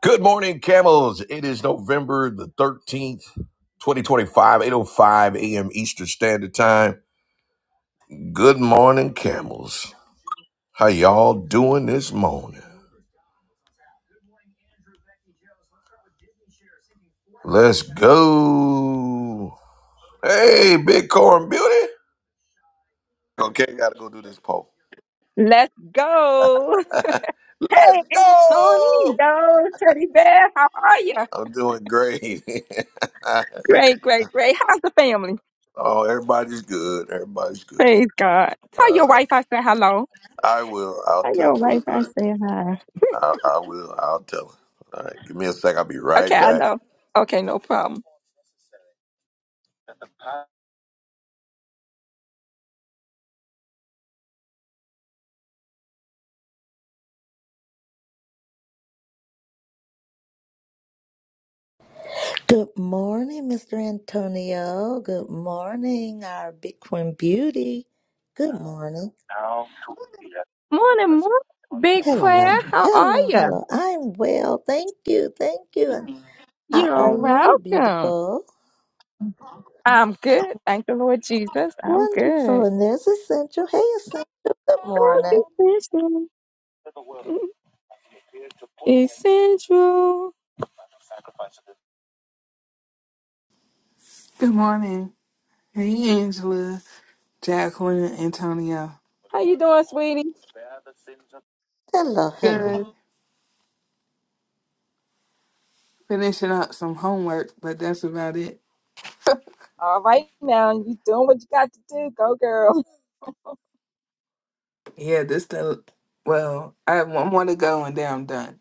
Good morning, camels. It is November the 13th, eight oh five a.m. Eastern Standard Time. Good morning, camels. How y'all doing this morning? Let's go. Hey, Bitcoin Beauty. Okay, gotta go do this poll. Let's go. Let's Hey, go. Anthony, yo, Teddy Bear, how are you? I'm doing great. Great, great, great. How's the family? oh, everybody's good. Everybody's good. Praise God. Tell All your right. wife I said hello. I will. I'll Tell tell your wife I her. said hi. I, I will. I'll tell her. All right, give me a sec. I'll be Okay, right I back. know. Okay, no problem. Good morning, Mr. Antonio. Good morning, our Bitcoin beauty. Good morning. Morning, morning. Big prayer. Hello, How are hello, you? hello. I'm well. Thank you. Thank you. And How are You're you, welcome. beautiful? I'm good. Thank the Lord Jesus. I'm good. Wonderful. And there's Essential. Hey, Essential. Good morning. Essential. Essential. Good morning. Hey, Angela, Jacqueline, and Antonio. How you doing, sweetie? Hello, Good. hello. Finishing up some homework, but that's about it. All right now, you doing what you got to do. Go girl. Yeah, this the well. I have one more to go, and then I'm done.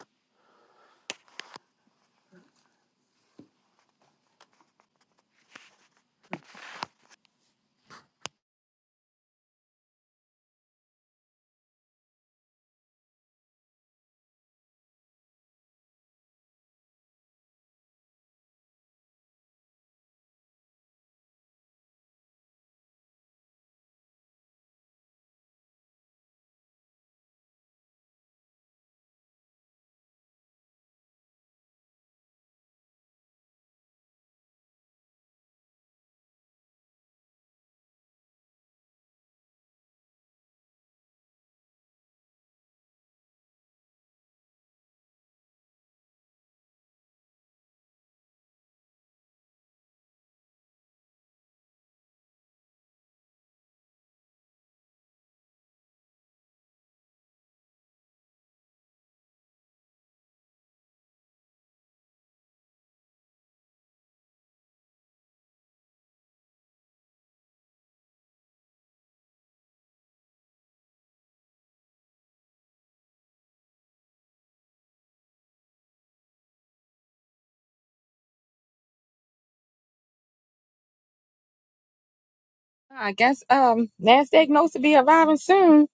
I guess um Nasdaq knows to be arriving soon.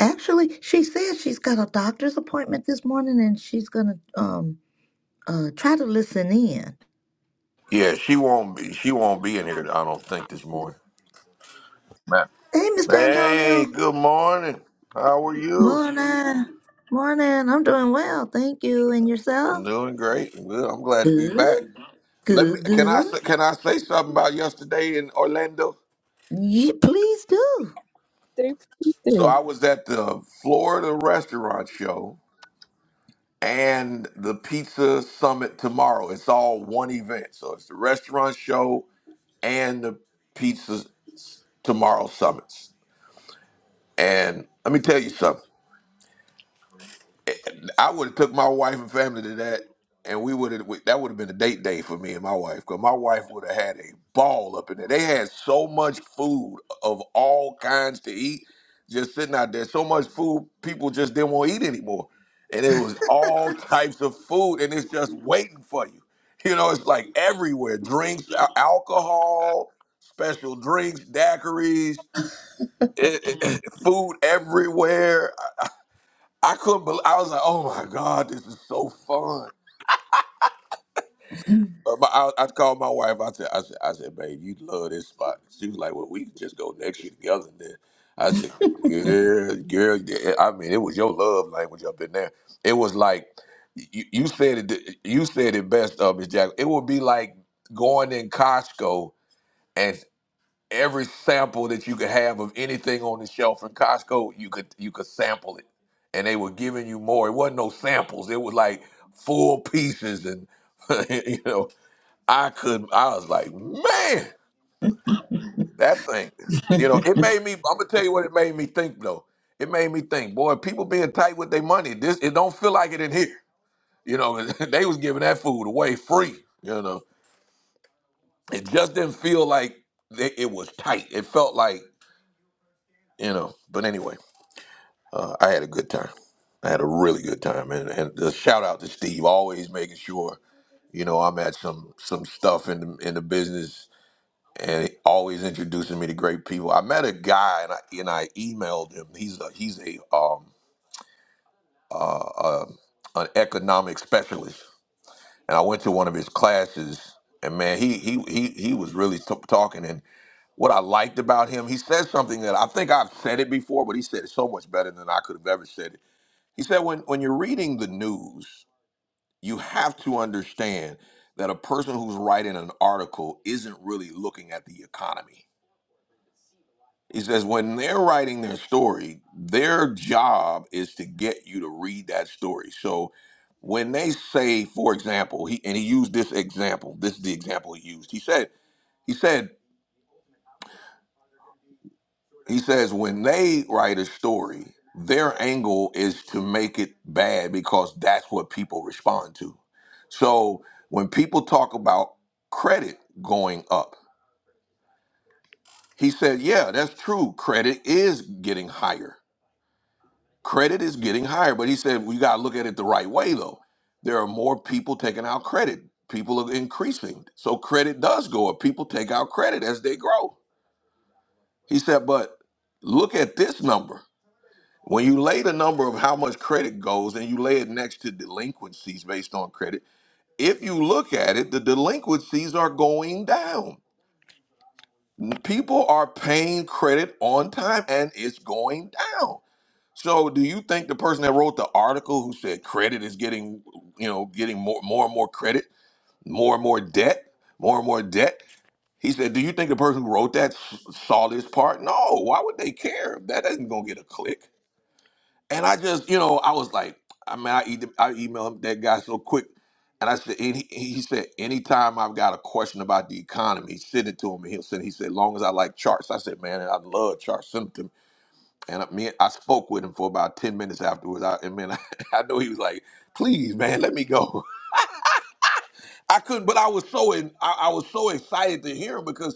Actually, she says she's got a doctor's appointment this morning and she's going to um uh try to listen in. Yeah, she won't be. She won't be in here. I don't think this morning. Ma- Hey, Mr. Hey, Antonio. good morning. How are you? Morning. Morning. I'm doing well. Thank you. And yourself? I'm doing great. I'm good. I'm glad to be Good. back. Let me. Good, Can I good. say? Can I say something about yesterday in Orlando? Yeah, please do. Steve So Peterson. I was at the Florida restaurant show and the pizza summit tomorrow. It's all one event. So it's the restaurant show and the pizza tomorrow summits. And let me tell you something. I would have took my wife and family to that, and we would have that would have been a date day for me and my wife, because my wife would have had a ball up in there. They had so much food of all kinds to eat, just sitting out there. So much food, people just didn't want to eat anymore, and it was all types of food, and it's just waiting for you. You know, it's like everywhere: drinks, al- alcohol, special drinks, daiquiris, it, it- food everywhere. I couldn't believe. I was like, "Oh my god, this is so fun." But my, I, I called my wife. I said, "I said, I said, babe, you love this spot." She was like, "Well, we can just go next year together." And then I said, "Yeah, girl. yeah." I mean, it was your love language up in there. It was like you, you said it. You said it best, uh, Miss Jack. It would be like going in Costco and every sample that you could have of anything on the shelf in Costco, you could you could sample it, and they were giving you more. It wasn't no samples; it was like full pieces, and you know, I could. I was like, man, that thing. You know, it made me. I'm gonna tell you what it made me think though. It made me think, boy, people being tight with their money. This it don't feel like it in here. You know, they was giving that food away free. You know, it just didn't feel like they, it was tight. It felt like you know. But anyway. Uh, I had a good time. I had a really good time, and and a shout out to Steve, always making sure you know I'm at some some stuff in the, in the business, and always introducing me to great people. I met a guy, and I and I emailed him. He's a he's a um uh, an economic specialist, and I went to one of his classes, and man, he he he he was really t- talking. And what I liked about him, he said something that I think I've said it before, but he said it so much better than I could have ever said it He said, when, when you're reading the news, you have to understand that a person who's writing an article isn't really looking at the economy. He says, when they're writing their story, their job is to get you to read that story. So when they say, for example, he and he used this example, this is the example he used. He said, he said He says when they write a story, their angle is to make it bad because that's what people respond to. So when people talk about credit going up, he said, Yeah, that's true. Credit is getting higher. Credit is getting higher. But he said, We got to look at it the right way, though. There are more people taking out credit. People are increasing. So credit does go up. People take out credit as they grow. He said, But look at this number. When you lay the number of how much credit goes and you lay it next to delinquencies based on credit, if you look at it, the delinquencies are going down. People are paying credit on time and it's going down. So do you think the person that wrote the article who said credit is getting, you know, getting more more and more credit, more and more debt, more and more debt? He said, "Do you think the person who wrote that s- saw this part? No. Why would they care? That isn't gonna get a click. And I just, you know, I was like, I mean, I, e- I emailed him, that guy so quick. And I said, and he, he said, anytime I've got a question about the economy, send it to him. And he'll send, he said, long as I like charts. I said, man, I love charts. Send them to me. And I, me, I spoke with him for about 10 minutes afterwards. I, and man, I, know he was like, please, man, let me go. I couldn't, but I was so in, I, I was so excited to hear him because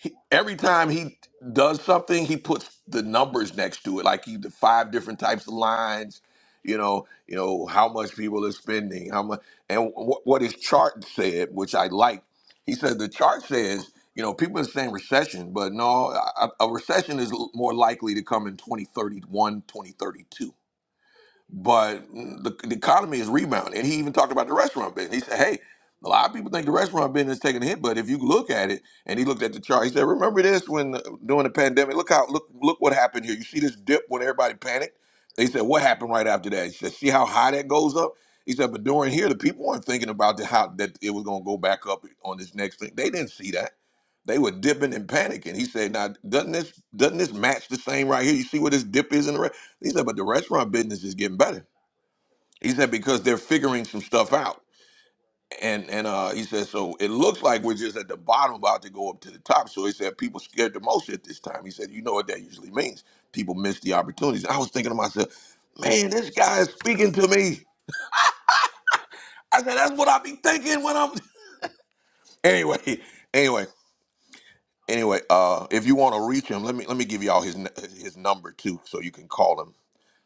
he, every time he does something, he puts the numbers next to it, like he the five different types of lines. You know, you know how much people are spending, how much, and wh- what his chart said, which I like. He said the chart says, you know, people are saying recession, but no, a, a recession is l- more likely to come in 2031, 2032 but the, the economy is rebounding. And he even talked about the restaurant business. He said, hey, a lot of people think the restaurant business is taking a hit, but if you look at it, and he looked at the chart, he said, remember this when during the pandemic? Look how look look what happened here. You see this dip when everybody panicked. They said, what happened right after that? He said, see how high that goes up. He said, but during here, the people weren't thinking about the, how that it was going to go back up on this next thing. They didn't see that. They were dipping and panicking. He said, now doesn't this doesn't this match the same right here? You see where this dip is in the re-? He said, but the restaurant business is getting better. He said because they're figuring some stuff out. And and uh, he said so it looks like we're just at the bottom about to go up to the top. So he said people scared the most at this time. He said you know what that usually means. People miss the opportunities. I was thinking to myself, man, this guy is speaking to me. I said that's what I be thinking when I'm anyway, anyway, anyway. Uh, if you want to reach him, let me let me give y'all his n- his number too, so you can call him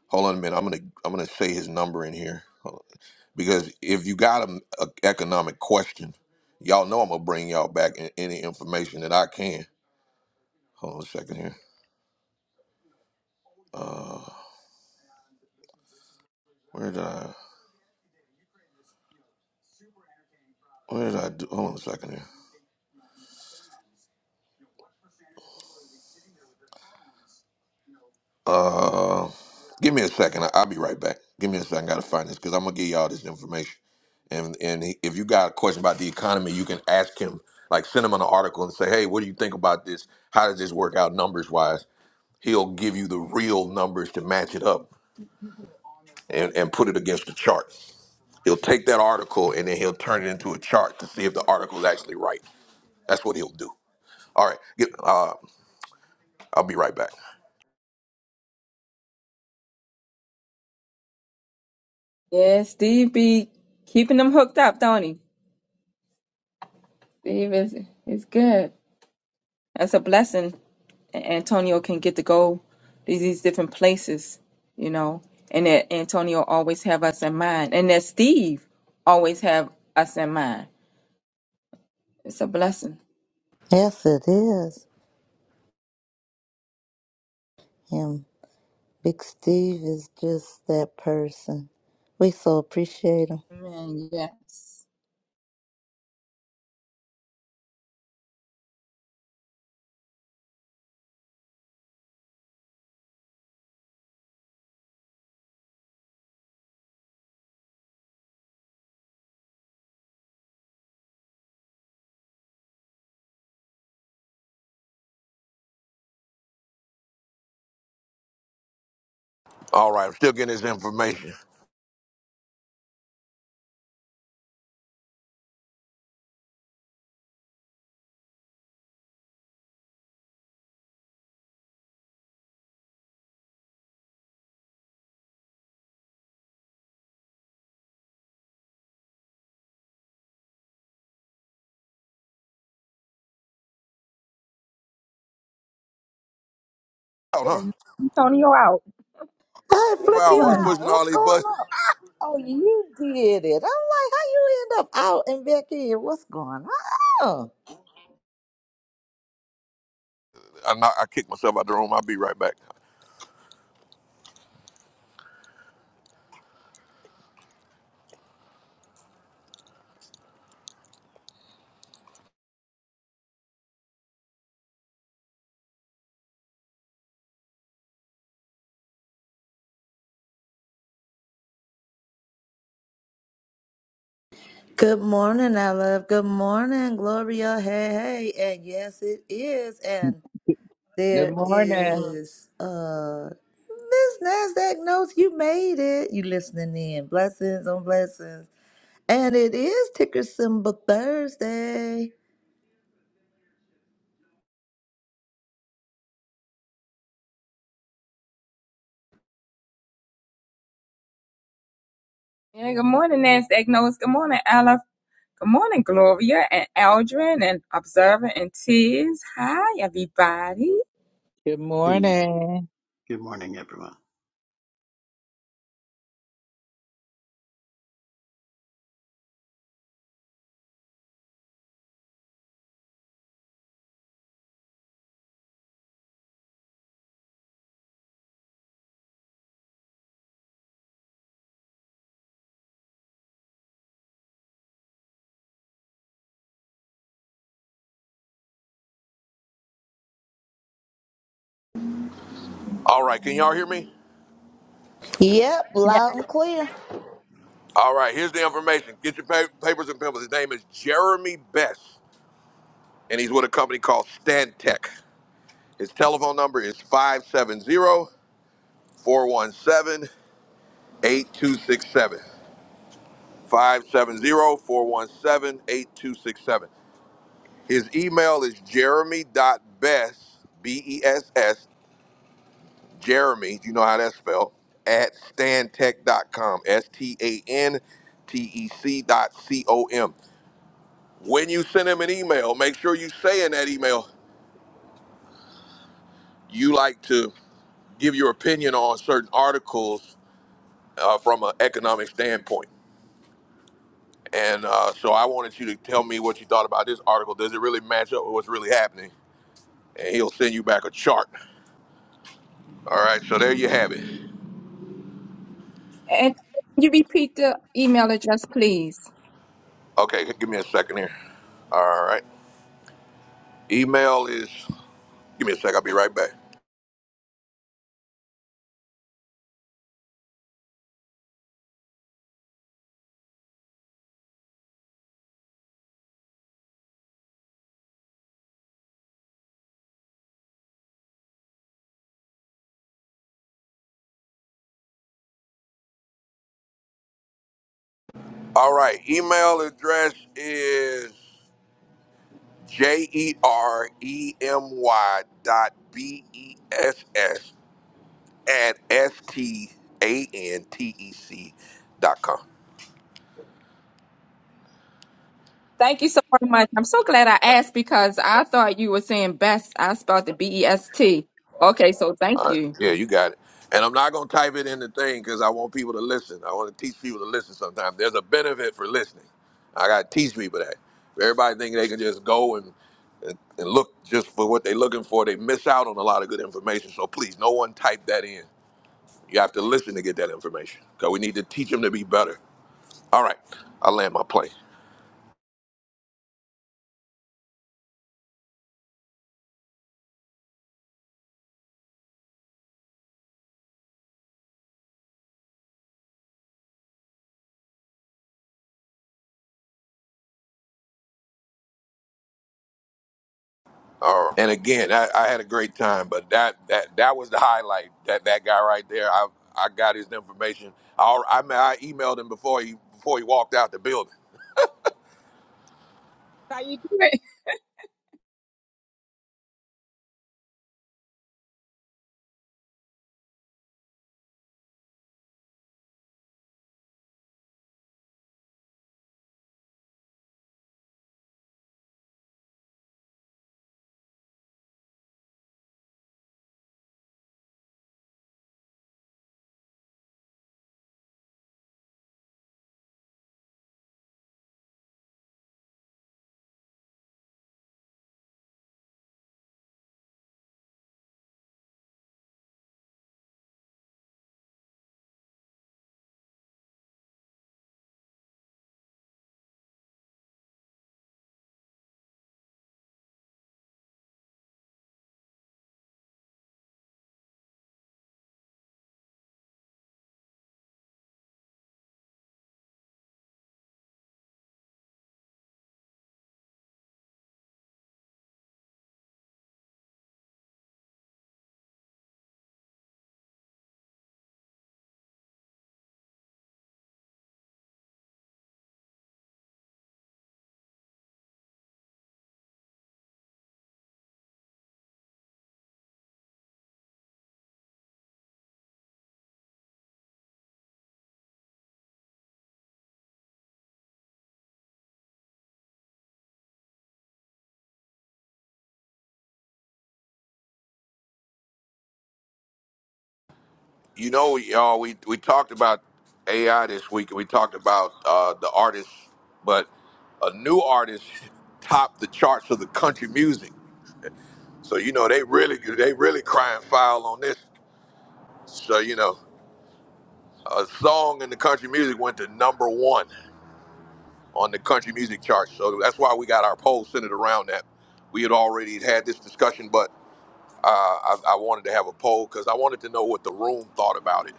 Hold on a minute. I'm gonna I'm gonna say his number in here Hold on. because if you got an economic question, y'all know I'm gonna bring y'all back in, any information that I can. Hold on a second here. Uh, where did I? Where did I do? Hold on a second here. Uh, give me a second. I- I'll be right back. Give me a second. I gotta find this because I'm gonna give y'all this information. And and he, if you got a question about the economy, you can ask him. Like send him an article and say, hey, what do you think about this? How does this work out numbers wise? He'll give you the real numbers to match it up and, and put it against the chart. He'll take that article and then he'll turn it into a chart to see if the article is actually right. That's what he'll do. All right, get, uh, I'll be right back. Yeah, Steve be keeping them hooked up, don't he? Steve is is good. That's a blessing. and Antonio can get to go to these different places, you know, and that Antonio always have us in mind, and that Steve always have us in mind. It's a blessing. Yes, it is. And Big Steve is just that person. We so appreciate him. Amen. Yes. All right, I'm still getting this information. Oh, It huh? is- Antonio out. I flip Wow, I you was out. pushing all What's these going buttons. on? Oh, you did it. I'm like, how you end up out and back in? What's going on? I, knock- I kicked myself out the room. I'll be right back. Good morning, I love. Good morning, Gloria. Hey, hey. And yes, it is. And. Good There morning. is uh Miss Nasdaq knows you made it. You listening in. Blessings on blessings. And it is ticker symbol Thursday. Yeah, good morning, NASDAQ Notes. Good morning, Aleph. Good morning, Gloria and Aldrin and Observer and Tiz. Hi, everybody. Good Good morning. morning. Good morning, everyone. All right, can y'all hear me? Yep, Yeah. loud and clear. All right, here's the information. Get your pa- papers and pencils. His name is Jeremy Best, and he's with a company called Stantec. His telephone number is five seven zero four one seven eight two six seven. Five seven zero four one seven eight two six seven. His email is jeremy.bess, B-E-S-S, Jeremy, you know how that's spelled, at stantec dot com. S T A N T E C dot C O M. When you send him an email, make sure you say in that email you like to give your opinion on certain articles uh, from an economic standpoint. And uh, so I wanted you to tell me what you thought about this article. Does it really match up with what's really happening? And he'll send you back a chart. All right, so there you have it. And can you repeat the email address, please? Okay, give me a second here. All right. Email is, give me a sec, I'll be right back. All right. Email address is J E R E M Y dot B E S S at S T A N T E C dot com. Thank you so very much. I'm so glad I asked because I thought you were saying best. I spelled the B E S T. Okay, so thank All right. you. Yeah, you got it. And I'm not going to type it in the thing because I want people to listen. I want to teach people to listen sometimes. There's a benefit for listening. I got to teach people that. Everybody think they can just go and, and, and look just for what they're looking for. They miss out on a lot of good information. So please, no one type that in. You have to listen to get that information because we need to teach them to be better. All right, I land my plane. All right. And again, I, I had a great time, but that that that was the highlight. That that guy right there, I I got his information. I al- I, ma- I emailed him before he before he walked out the building. How you doing? You know, y'all, we we talked about AI this week, and we talked about uh, the artists, but a new artist topped the charts of the country music. So you know they really they really crying foul on this. So you know. a song in the country music went to number one on the country music charts. So that's why we got our poll centered around that. We had already had this discussion, but uh, I, I wanted to have a poll because I wanted to know what the room thought about it,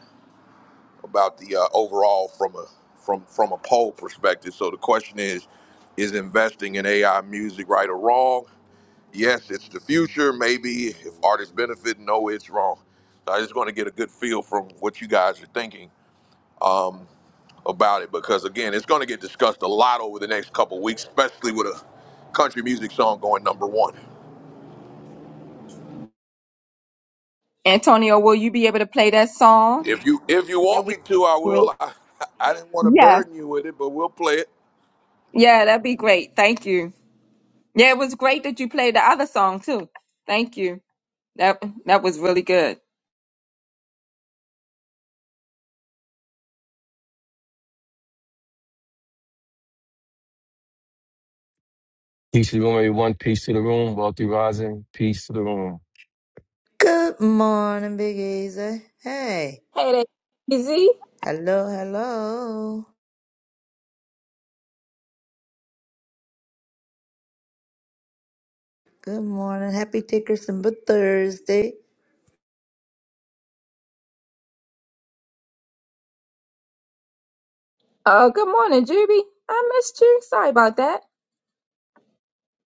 about the uh, overall from a from from a poll perspective. So the question is, is investing in AI music right or wrong? Yes, it's the future. Maybe if artists benefit, no, it's wrong. So I just want to get a good feel from what you guys are thinking. Um, about it because again, it's going to get discussed a lot over the next couple weeks, especially with a country music song going number one. Antonio, will you be able to play that song? If you if you Where want we me to, I will. I, I didn't want to Yes. burden you with it, but we'll play it. Yeah, that'd be great. Thank you. Yeah, it was great that you played the other song too. Thank you. That that was really good. Peace to the room, everyone. Peace to the room. Wealthy rising. Peace to the room. Good morning, Big Easy. Hey. Hey there, Easy. Hello, hello. Good morning. Happy ticker symbol Thursday. Uh, good morning, Juby. I missed you. Sorry about that.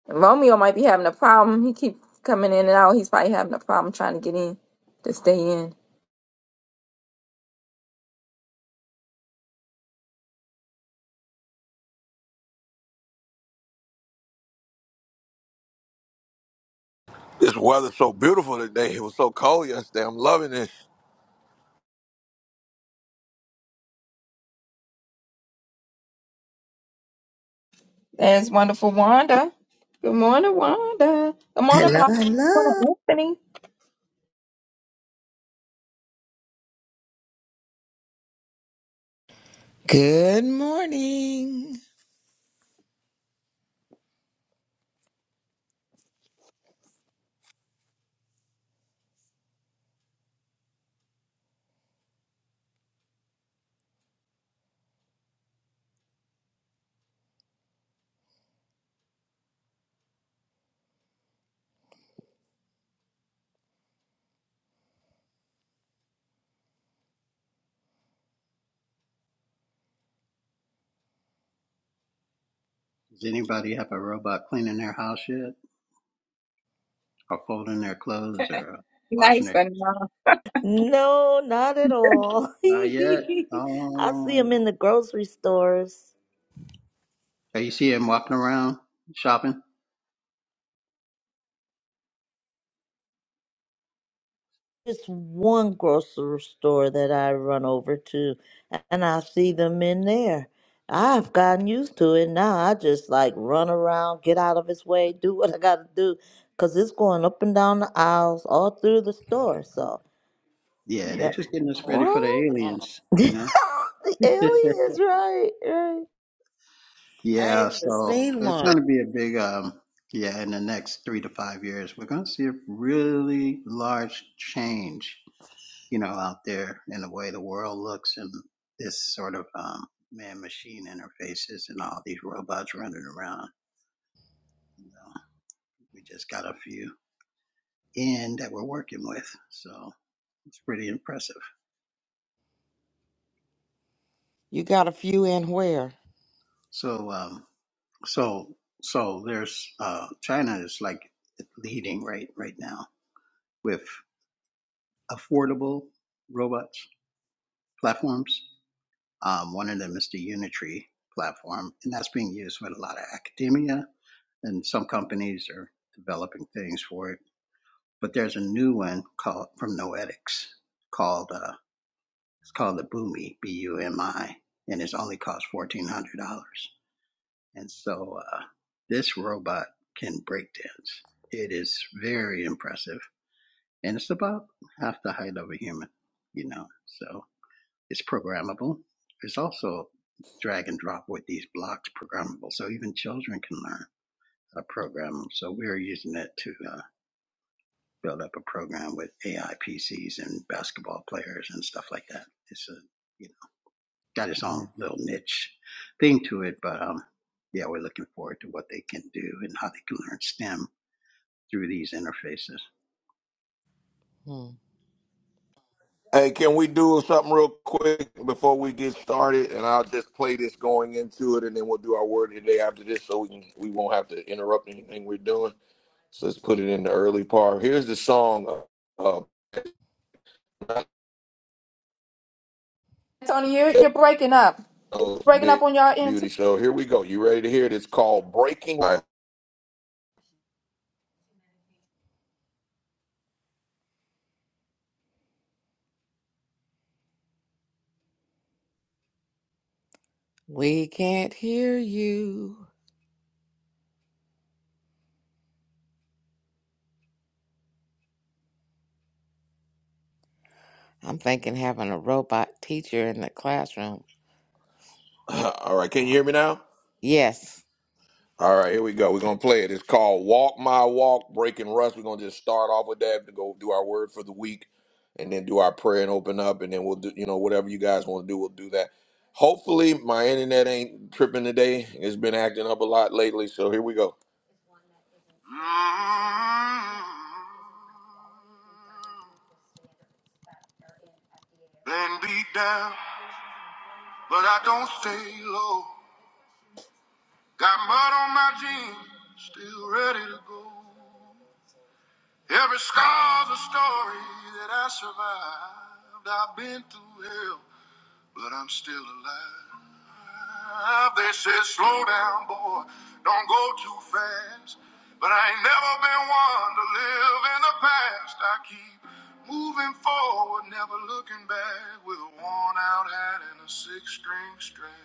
Romeo might be having a problem. He keep coming in and out. He's probably having a problem trying to get in to stay in. This weather's so beautiful today. It was so cold yesterday. I'm loving this. There's wonderful Wanda. Good morning, Wanda. Good morning, Hello, Blanca. Good hello. morning, Anthony. Good morning. Does anybody have a robot cleaning their house yet? Or folding their clothes or washing Nice, their but dishes? no. No, not at all. I Not yet. see Oh, them in the grocery stores. are you seeing them walking around shopping? It's one grocery store that I run over to, and I see them in there. I've gotten used to it now. I just like run around, get out of his way, do what I gotta do, 'cause it's going up and down the aisles all through the store. So, Yeah, they're yeah. just getting us ready for the What? aliens, you know? the alien is right, right. I ain't yeah, even so seen it's one. going to be a big, um, yeah, in the next three to five years, we're going to see a really large change you know, out there in the way the world looks and this sort of um, man machine interfaces and all these robots running around. You know, we just got a few in that we're working with. So it's pretty impressive. You got a few in where? So, um, so, so there's, uh, China is like leading right, right now with affordable robots platforms. Um, one of them is the Unitree platform, and that's being used with a lot of academia and some companies are developing things for it. But there's a new one called from Noetics called uh, it's called the Bumi B U M I, and it's only cost fourteen hundred dollars. And so uh, this robot can break dance. It is very impressive, and it's about half the height of a human, you know. So it's programmable. It's also drag and drop with these blocks programmable, so even children can learn how to program them. So we're using it too build up a program with AI PCs and basketball players and stuff like that. It's a you know got its own Oh. little niche thing to it, but um yeah, we're looking forward to what they can do and how they can learn STEM through these interfaces. Hmm. Hey, can we do something real quick before we get started? And I'll just play this going into it, and then we'll do our word today after this, so we can, we won't have to interrupt anything we're doing. So let's put it in the early part. Here's the song. Uh, uh, Tony, you're, you're breaking up. Oh, Breaking up Big on your end Beauty too. Show. Here we go. You ready to hear it? It's called Breaking. All We can't hear you. I'm thinking having a robot teacher in the classroom. right. All right. Can you hear me now? Yes. All right. Here we go. We're going to play it. It's called Walk My Walk, Breaking Rust. We're going to just start off with that to go do our word for the week and then do our prayer and open up. And then we'll do, you know, whatever you guys want to do, we'll do that. Hopefully, my internet ain't tripping today. It's been acting up a lot lately. So here we go. Been beat down, but I don't stay low. Got mud on my jeans, still ready to go. Every scar's a story that I survived. I've been through hell, but I'm still alive. They said, slow down, boy, don't go too fast. But I ain't never been one to live in the past. I keep moving forward, never looking back, with a worn out hat and a six string strap.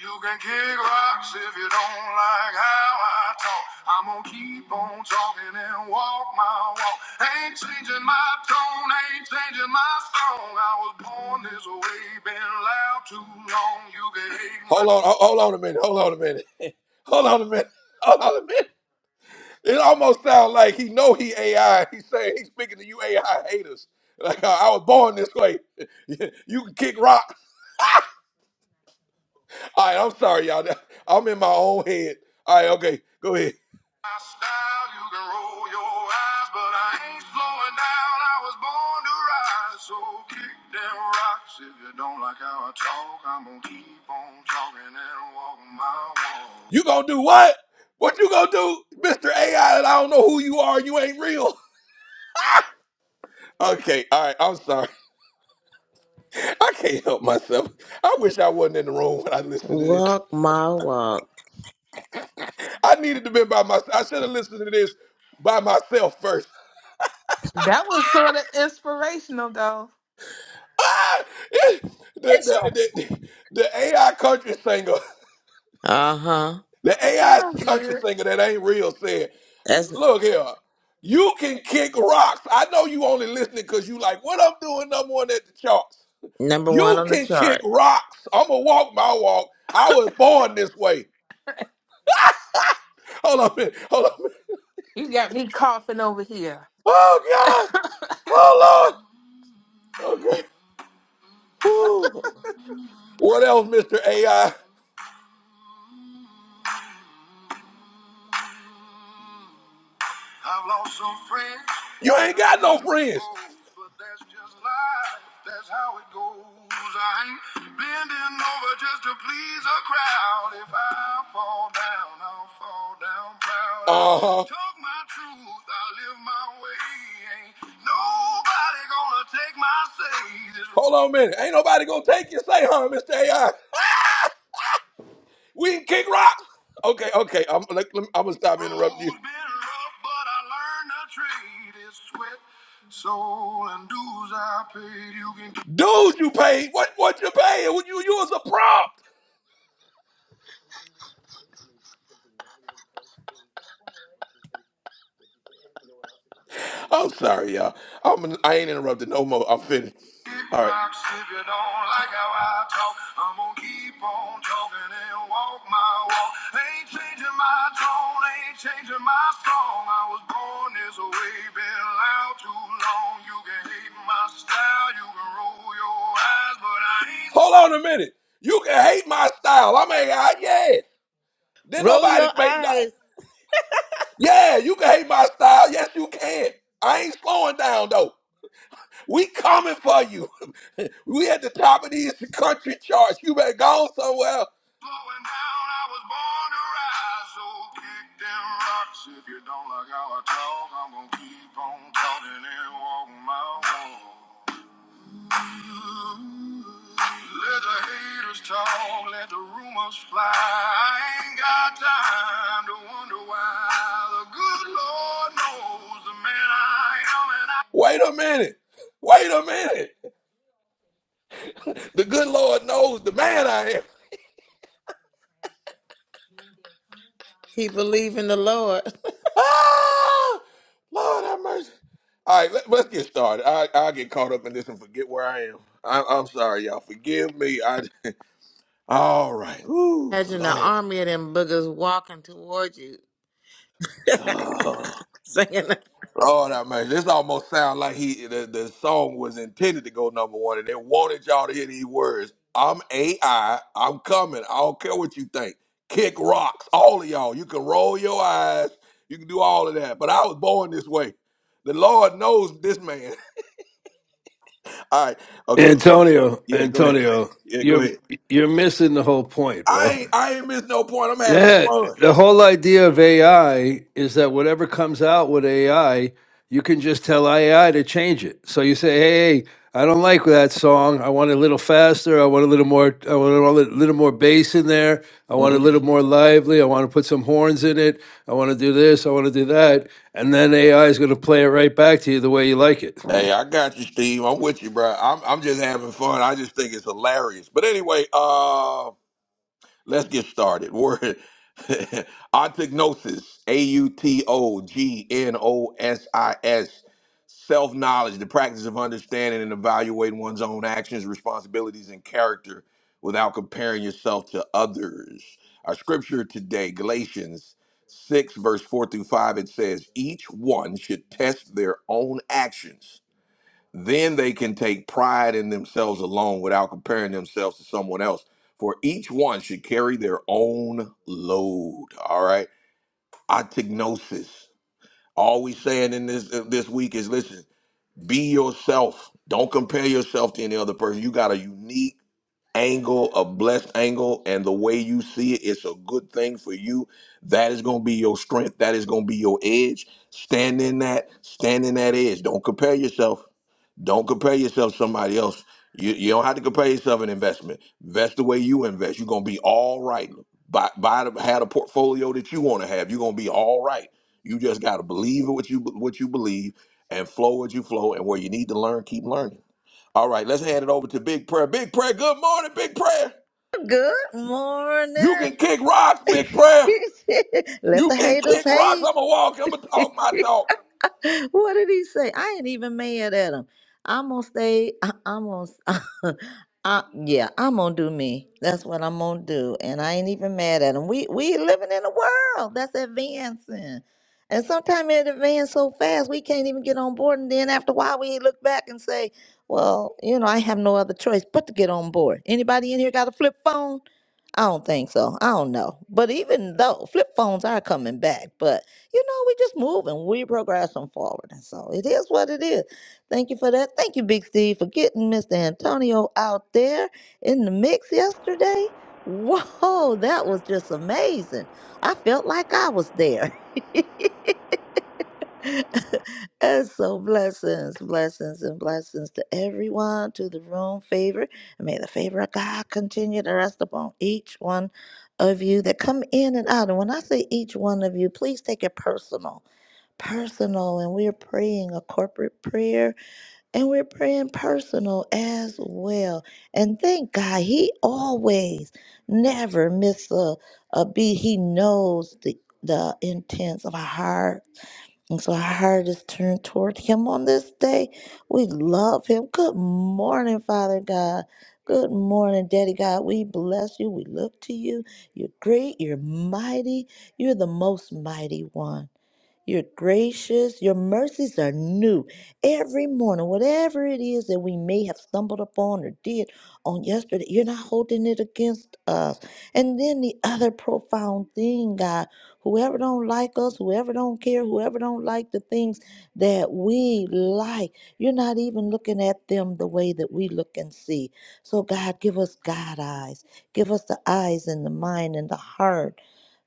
You can kick rocks if you don't like how I talk. I'm gonna keep on talking and walk my walk. Ain't changing my tone, ain't changing my song. I was born this way, been loud too long. You can hate my- Hold on, ho- hold on a minute, hold on a minute. hold on a minute, hold on a minute. It almost sounds like he know he AI. He's saying he's speaking to you AI haters. Like I I was born this way. you can kick rocks. All right, I'm sorry, y'all. I'm in my own head. All right, okay, go ahead. My style, you can roll your eyes, but I ain't slowing down. I was born to rise, so kick them rocks. If you don't like how I talk, I'm gonna keep on talking and walking my walk. You gonna do what? What you gonna do, Mr. AI? And I don't know who you are. You ain't real. Okay, all right. I'm sorry. I can't help myself. I wish I wasn't in the room when I listened to this. Walk my walk. I needed to be by myself. I should have listened to this by myself first. That was sort of inspirational, though. Ah! It- The, It's your the, the, the AI country singer, Uh huh. the It AI sounds country good. singer that ain't real said, That's look here, you can kick rocks. I know you only listening because you like, what I'm doing number one at the charts. number one You on the can kick chart. rocks. I'm going to walk my walk. I was born this way. Hold on a minute. Hold on a minute. You got me coughing over here. Oh, God. Oh, Lord. Okay. Whew. What else, Mr. AI? I've lost some friends. You ain't got no friends. Oh, but that's just life. That's how it goes. I ain't bending over just to please a crowd. If I fall down, I'll fall down proud. Uh huh. talk my truth. I live my way. Ain't nobody gonna take my say. Hold on a minute. Ain't nobody gonna take your say, huh, Mr. AI? We can kick rock. Okay, okay. I'm like, let me, I'm gonna stop interrupting you. Road's been rough, but I learned I traded sweat, soul, and dues I paid. You can- dues you paid. What? What you paid? You you was a prop. I'm sorry, y'all. I'm, I ain't interrupted no more. I'm finished. All right. Box, if you don't like how I talk, I'm gonna keep on talking and walk my walk. Ain't changing my tone, ain't changing my song. I was born this way, been loud too long. You can hate my style, you can roll your eyes, but I ain't. Hold on a minute. You can hate my style. I mean, I, yeah. Then Roll nobody your make that. eyes. Yeah, you can hate my style. Yes, you can. I ain't slowing down though. We coming for you. we at the top of these country charts. You better go somewhere. else. Slowing down, I was born to rise. So kick them rocks. If you don't like how I talk, I'm gonna keep on talking and walk my walk. Let the haters talk, let the rumors fly. I ain't got time to wonder why. The good Lord knows the man I am and I. Wait a minute. Wait a minute. The good Lord knows the man I am. He believe in the Lord. Ah! Lord have mercy. All right, let, let's get started. I, I'll get caught up in this and forget where I am. I, I'm sorry, y'all. Forgive me. I, all right. Ooh, Imagine the Lord. army of them boogers walking towards you, singing, Oh, that man. This almost sounds like he the, the song was intended to go number one, and they wanted y'all to hear these words. I'm AI. I'm coming. I don't care what you think. Kick rocks, all of y'all. You can roll your eyes. You can do all of that. But I was born this way. The Lord knows this man. all right. Okay. Antonio, Yeah. Go ahead. Antonio, Yeah. Go you're ahead. you're missing the whole point, I bro. ain't. I ain't missed no point. I'm having Yeah, fun. the whole idea of AI is that whatever comes out with AI, you can just tell AI to change it. So you say, "Hey, hey, I don't like that song. I want it a little faster. I want a little more. I want a little little more bass in there. I want a Mhm. little more lively. I want to put some horns in it. I want to do this. I want to do that." And then AI is going to play it right back to you the way you like it. Hey, I got you, Steve. I'm with you, bro. I'm. I'm just having fun. I just think it's hilarious. But anyway, uh. Let's get started. Word autognosis, A U T O G N O S I S. Self knowledge, the practice of understanding and evaluating one's own actions, responsibilities, and character without comparing yourself to others. Our scripture today, Galatians 6, verse 4 through 5, it says, Each one should test their own actions then they can take pride in themselves alone without comparing themselves to someone else. For each one should carry their own load. All right. Autognosis. All we saying in this this week is listen, be yourself. Don't compare yourself to any other person. You got a unique angle, a blessed angle, and the way you see it, it's a good thing for you. That is gonna be your strength. That is gonna be your edge. Stand in that, stand in that edge. Don't compare yourself. Don't compare yourself to somebody else. You, you don't have to compare yourself in investment. Invest the way you invest. You're gonna be all right. Buy, buy the, have a portfolio that you want to have. You're gonna be all right. You just gotta believe in what you what you believe and flow what you flow. And where you need to learn, keep learning. All right, let's hand it over to Big Prayer. Big Prayer, good morning, Big Prayer. Good You morning. can kick rocks, Big Prayer. Let You the can haters kick rocks. hate. I'm gonna walk. I'm gonna talk my talk. what did he say? I ain't even mad at him. I'm gonna stay. I, I'm gonna. s- I, yeah, I'm gonna do me. That's what I'm gonna do, and I ain't even mad at him. We we living in a world that's advancing, and sometimes it advances so fast we can't even get on board. And then after a while, we look back and say, "Well, you know, I have no other choice but to get on board." Anybody in here got a flip phone? I don't think so. I don't know. But even though flip phones are coming back, but you know, we just moving, we progressing forward. And so it is what it is. Thank you for that. Thank you, Big Steve, for getting Mr. Antonio out there in the mix yesterday. Whoa, that was just amazing. I felt like I was there. And so blessings, blessings, and blessings to everyone, to the room favor. And may the favor of God continue to rest upon each one of you that come in and out. And when I say each one of you, please take it personal. Personal, and we're praying a corporate prayer, and we're praying personal as well. And thank God, He always never misses a, a beat. He knows the the intents of our heart and so our heart is turned toward him on this day. We love him. Good morning, Father God. Good morning, Daddy God. We bless you. We look to you. You're great. You're mighty. You're the most mighty one. You're gracious. Your mercies are new every morning. Whatever it is that we may have stumbled upon or did on yesterday, you're not holding it against us. And then the other profound thing, God, whoever don't like us, whoever don't care, whoever don't like the things that we like, you're not even looking at them the way that we look and see. So, God, give us God eyes. Give us the eyes and the mind and the heart.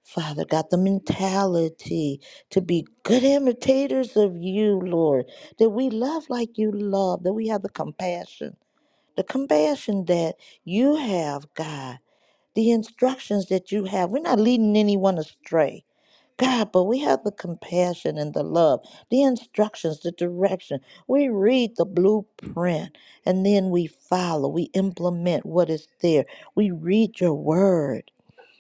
Father God, the mentality to be good imitators of you, Lord, that we love like you love, that we have the compassion, the compassion that you have, God, the instructions that you have. We're not leading anyone astray. God, but we have the compassion and the love, the instructions, the direction. We read the blueprint and then we follow, we implement what is there. We read your word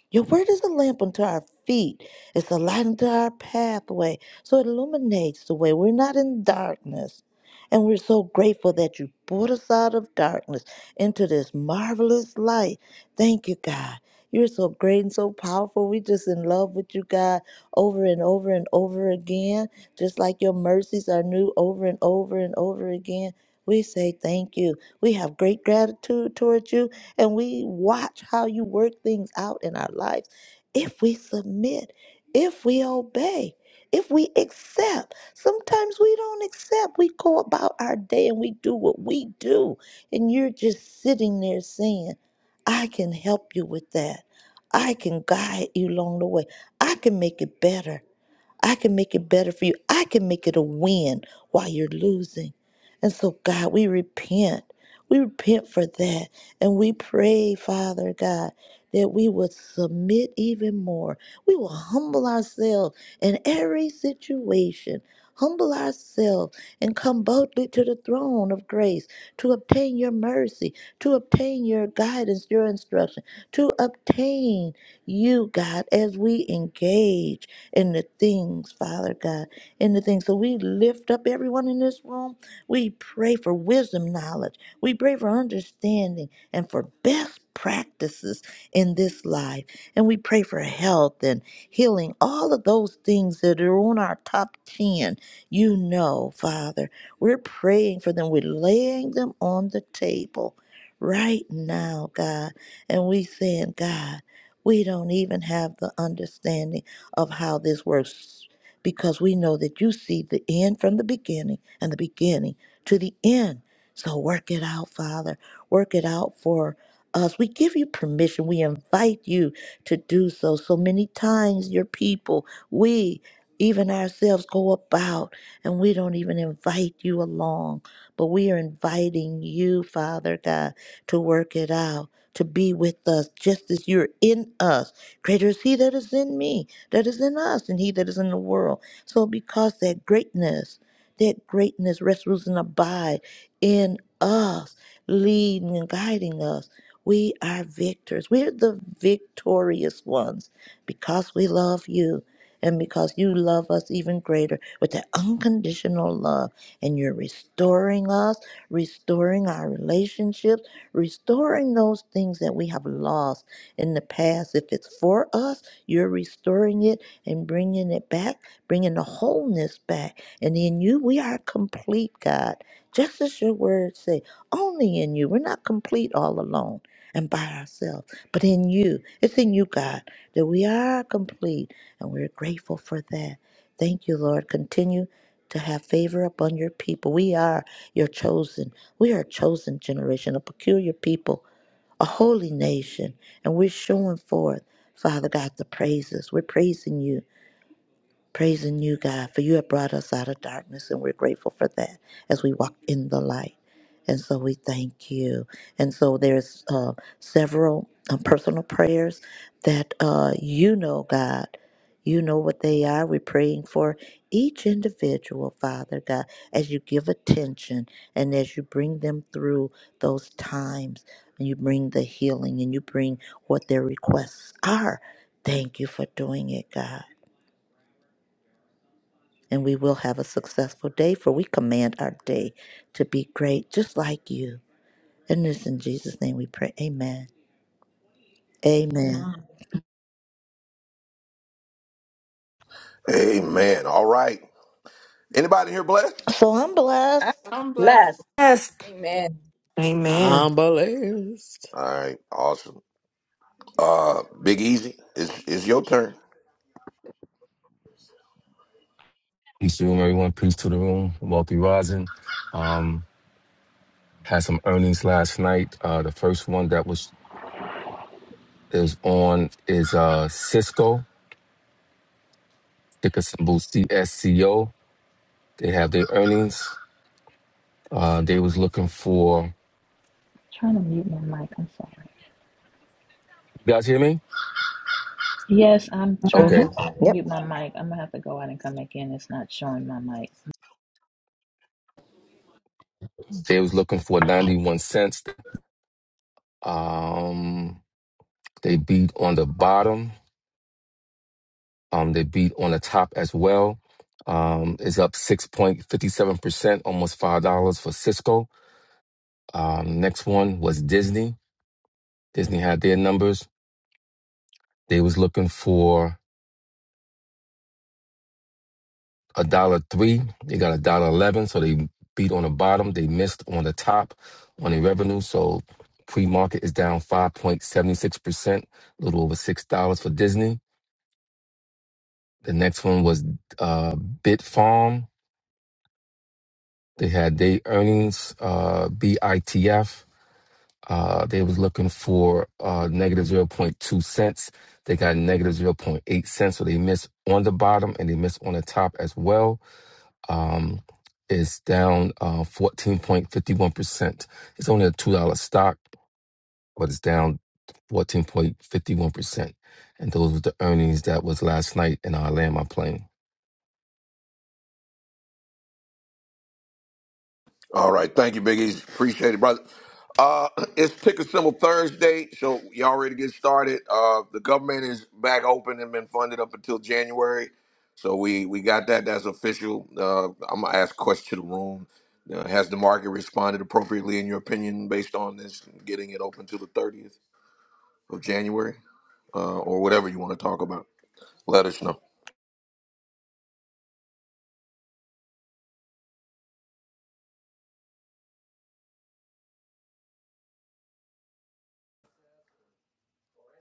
your word is a lamp unto our feet, it's a light unto our pathway. So it illuminates the way. We're not in darkness. And we're so grateful that you brought us out of darkness into this marvelous light. Thank you, God. You're so great and so powerful. We're just in love with you, God, over and over and over again. Just like your mercies are new over and over and over again. We say thank you. We have great gratitude towards you and we watch how you work things out in our lives. If we submit, if we obey, if we accept, sometimes we don't accept. We go about our day and we do what we do. And you're just sitting there saying, I can help you with that. I can guide you along the way. I can make it better. I can make it better for you. I can make it a win while you're losing. And so, God, we repent. We repent for that. And we pray, Father God, that we would submit even more. We will humble ourselves in every situation, humble ourselves and come boldly to the throne of grace to obtain your mercy, to obtain your guidance, your instruction, to obtain you, God, as we engage in the things, Father God, in the things. So we lift up everyone in this room. We pray for wisdom, knowledge. We pray for understanding and for best practices in this life. And we pray for health and healing, all of those things that are on our top 10. You know, Father, we're praying for them. We're laying them on the table right now, God. And we saying, God, we don't even have the understanding of how this works because we know that you see the end from the beginning and the beginning to the end. So work it out, Father. Work it out for us. We give you permission. We invite you to do so. So many times, your people, we, even ourselves, go about and we don't even invite you along, but we are inviting you, Father God, to work it out, to be with us just as you're in us. Greater is He that is in me that is in us and he that is in the world. So because that greatness, that greatness rests, rules, and abide in us, leading and guiding us. We are victors. We're the victorious ones because we love you and because you love us even greater with that unconditional love. And you're restoring us, restoring our relationships, restoring those things that we have lost in the past, if it's for us you're restoring it and bringing it back, bringing the wholeness back. And in you, we are complete, God. Just as your words say, only in you. We're not complete all alone and by ourselves, but in you. It's in you, God, that we are complete. And we're grateful for that. Thank you, Lord. Continue to have favor upon your people. We are your chosen. We are a chosen generation, a peculiar people a holy nation, and we're showing forth, Father God, the praises. We're praising you praising you, God, for you have brought us out of darkness, and we're grateful for that as we walk in the light. And so we thank you. And so there's uh, several um, personal prayers that uh, you know, God. You know what they are. We're praying for each individual, Father God, as you give attention and as you bring them through those times and you bring the healing and you bring what their requests are. Thank you for doing it, God and we will have a successful day, for we command our day to be great, just like you. And it's in Jesus' name we pray. Amen. Amen. Amen. All right. Anybody here blessed? So I'm blessed. I'm last. blessed. Yes. Amen. Amen. I'm blessed. All right. Awesome. Uh, Big Easy, it's, it's your turn. Peace to the room, everyone. Peace to the room. Wealthy rising. Um, had some earnings last night. Uh, the first one that was is on is uh Cisco ticker symbol CSCO. They have their earnings. Uh, they was looking for. Trying to mute my mic. I'm sorry. You guys hear me? Yes, I'm trying to Okay. Mm-hmm. Yep. mute my mic. I'm gonna have to go out and come back in. It's not showing my mic. They was looking for ninety one cents. Um, they beat on the bottom. Um, they beat on the top as well. Um, is up 6.57%, almost $5 for Cisco. Um, next one was Disney. Disney had their numbers. They was looking for a dollar three. They got a dollar eleven, so they beat on the bottom. They missed on the top on the revenue. So pre-market is down 5.76%, a little over $6 for Disney. The next one was uh, Bitfarm. They had their earnings, uh, BITF. Uh, they was looking for uh, negative zero point 0.2 cents. They got negative zero point 0.8 cents, so they missed on the bottom and they missed on the top as well. Um, it's down uh, 14.51%. It's only a $2 stock, but it's down 14.51%. And those were the earnings that was last night, and I land my plane. All right. Thank you, Big Easy. Appreciate it, brother. Uh, it's Ticker Symbol Thursday, so y'all ready to get started. Uh, the government is back open and been funded up until January. So we, we got that. That's official. Uh, I'm going to ask questions to the room. Uh, has the market responded appropriately, in your opinion, based on this, getting it open till the 30th of January uh, or whatever you want to talk about? Let us know.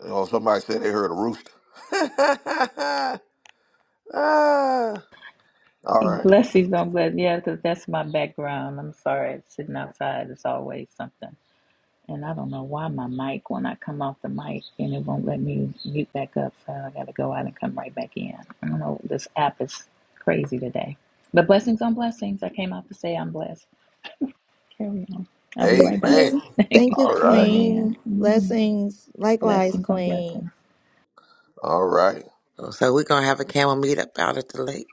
Oh, somebody said they heard a rooster. Ah. All right. Blessings on bless. Yeah, 'cause that's my background. I'm sorry. It's sitting outside It's always something. And I don't know why my mic, when I come off the mic, and it won't let me mute back up. So I gotta go out and come right back in. I don't know. This app is crazy today. But blessings on blessings. I came out to say I'm blessed. Carry on. I'll be Thank right back. Amen. you. Thank you, All right. Amen. Queen. hmm Blessings. Likewise, Blessings on blessings. Queen. All right. So we're gonna have a camel meet up out at the lake.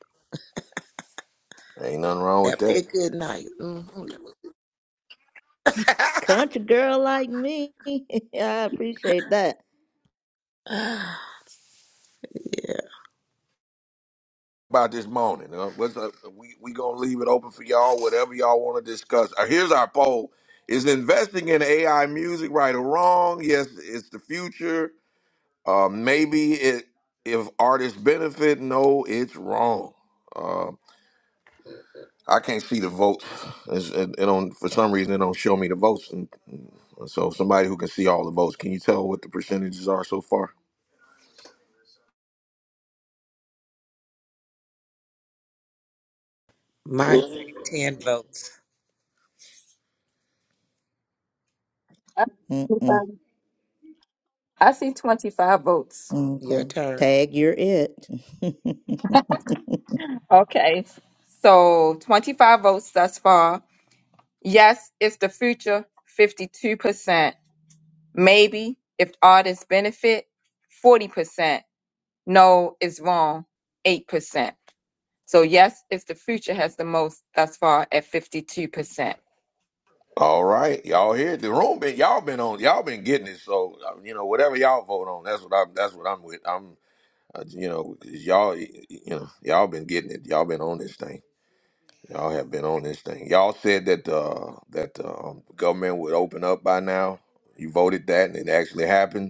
Ain't nothing wrong with That'd be that. a good night. hmm Country girl like me. I appreciate that. yeah, About this morning, uh, what's up? We we gonna leave it open for y'all. Whatever y'all want to discuss. Uh, here's our poll: Is investing in AI music right or wrong? Yes, it's the future. Uh, maybe it if artists benefit. No, it's wrong. Uh, I can't see the votes. It's, it, it don't for some reason it don't show me the votes. And so somebody who can see all the votes, can you tell what the percentages are so far? mine say ten votes. Amen. I see Mm-mm. 25 I see 25 votes. Your Okay. turn. Tag, you're it. Okay. So 25 votes thus far. Yes, it's the future, 52%. Maybe, if artists benefit, 40%. No, it's wrong, 8%. So yes, it's the future has the most thus far at 52%. All right, y'all here. The room been y'all been on. Y'all been getting it. So uh, you know whatever y'all vote on, that's what I'm. That's what I'm with. I'm. Uh, you know 'cause y'all. y- y- You know y'all been getting it. Y'all been on this thing. Y'all have been on this thing. Y'all said that uh, that uh, um, government would open up by now. You voted that, and it actually happened.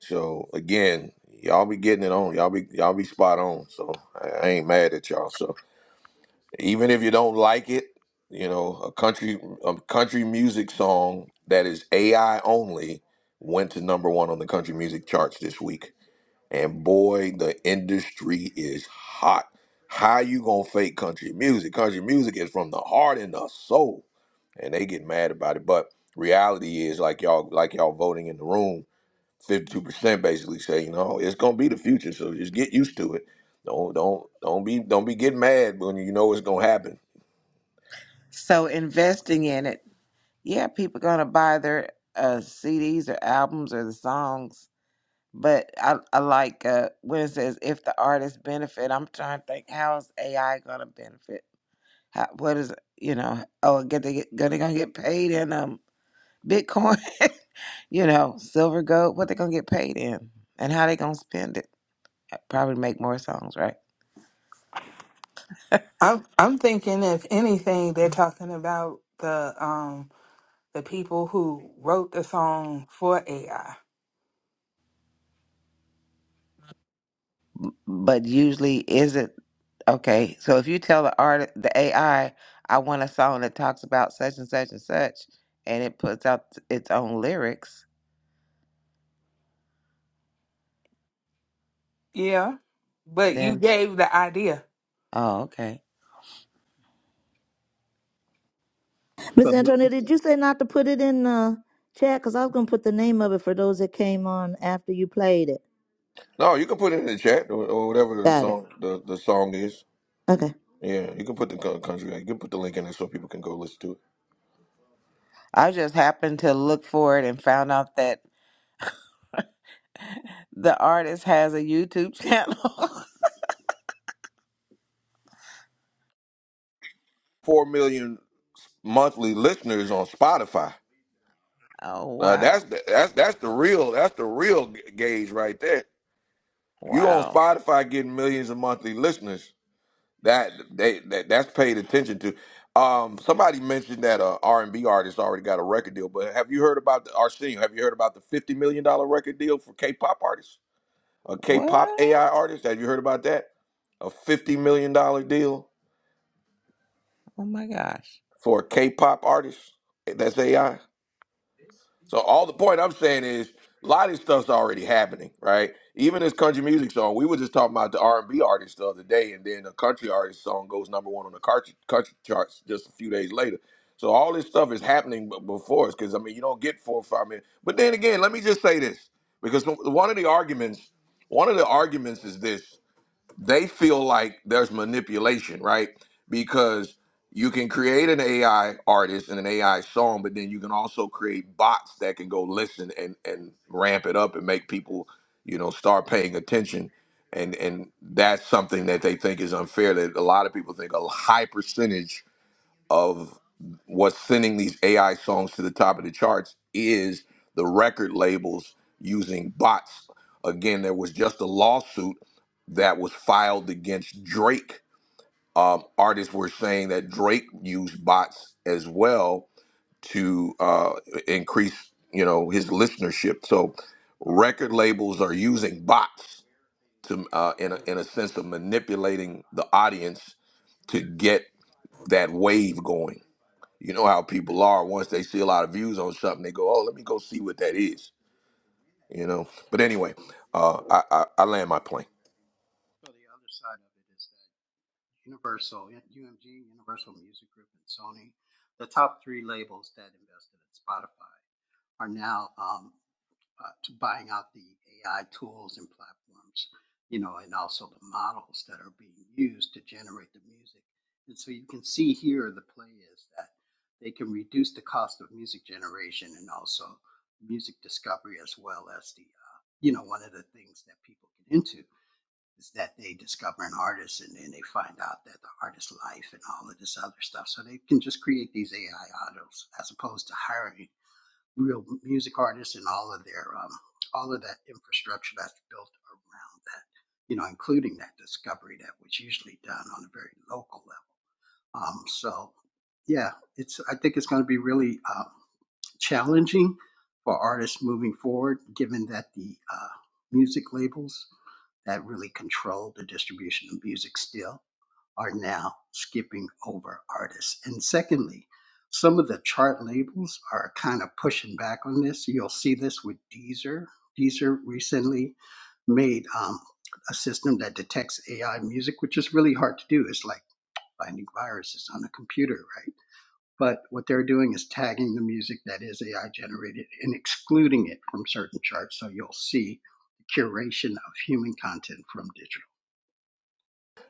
So again, y'all be getting it on. Y'all be y'all be spot on. So I I ain't mad at y'all. So even if you don't like it, you know, a country a country music song that is AI only went to number one on the country music charts this week. And boy, the industry is hot. How you gonna fake country music? Country music is from the heart and the soul. And they get mad about it. But reality is like y'all like y'all voting in the room 52% basically say, you know, it's gonna be the future, so just get used to it. Don't don't don't be don't be getting mad when you know it's gonna happen. So investing in it, yeah, people gonna buy their uh, CDs or albums or the songs. But I, I like uh, when it says if the artist benefit. I'm trying to think how is AI gonna benefit? How, what is you know? Oh, get they get, gonna gonna get paid in them? Bitcoin, you know, silver, gold, what they gonna get paid in and how they gonna spend it. uh, Probably make more songs, right? I'm I'm thinking if anything, they're talking about the um the people who wrote the song for AI. But usually is it okay, so if you tell the art the AI, I I want a song that talks about such and such and such and it puts out its own lyrics, Yeah. But you then gave the idea. oh okay. Miss Antoinette, did you say not to put it in the chat? Because I was going to put the name of it for those that came on after you played it. No, you can put it in the chat or, or whatever the Got it. song the, the song is. Okay. Yeah, you can put the co- country. You can put the link in there so people can go listen to it. I just happened to look for it and found out that the artist has a YouTube channel. Four million monthly listeners on Spotify. oh Now that's wow. the, that's that's the real that's the real g- gauge right there. You on Wow. Spotify getting millions of monthly listeners. That they that, that's paid attention to. Um, somebody mentioned that a R and B artist already got a record deal, but have you heard about the Arsenio? Have you heard about the fifty million dollar record deal for K-pop artists? A K-pop What? AI artist? Have you heard about that? A fifty million dollar deal Oh my gosh. for a K-pop artist that's AI. So all the point I'm saying is a lot of this stuff's already happening, right? Even this country music song, we were just talking about the R&B artist the other day, and then a country artist song goes number one on the country, country charts just a few days later. So all this stuff is happening b- before us, because I mean, you don't get four or five minutes. But then again, let me just say this, because one of the arguments, one of the arguments is this they feel like there's manipulation, right? Because you can create an AI artist and an AI song, but then you can also create bots that can go listen and and ramp it up and make people, you know, start paying attention. And and that's something that they think is unfair. That a lot of people think a high percentage of what's sending these AI songs to the top of the charts is the record labels using bots. Again, there was just a lawsuit that was filed against Drake. Um, artists were saying that Drake used bots as well to uh, increase, you know, his listenership. So, record labels are using bots to, uh, in a, in a sense, of manipulating the audience to get that wave going. You know how people are once they see a lot of views on something, they go, "Oh, let me go see what that is." You know. But anyway, uh, I, I I land my plane. So the other side of it is that Universal, UMG, Universal Music Group, and Sony, the top three labels that invested in Spotify, are now um, uh, to buying out the AI tools and platforms, you know, and also the models that are being used to generate the music. And so you can see here the play is that they can reduce the cost of music generation and also music discovery as well as the, uh, you know, one of the things that people get into is that they discover an artist and then they find out that the artist's life and all of this other stuff. So they can just create these AI models as opposed to hiring real music artists and all of their um, all of that infrastructure that's built around that, you know, including that discovery that was usually done on a very local level. Um, so, yeah, it's I think it's going to be really um, challenging for artists moving forward, given that the uh, music labels that really control the distribution of music still are now skipping over artists. And secondly, some of the chart labels are kind of pushing back on this. You'll see this with Deezer. Deezer recently made um, a system that detects AI music, which is really hard to do. It's like finding viruses on a computer, right? But what they're doing is tagging the music that is AI generated and excluding it from certain charts. So you'll see curation of human content from digital.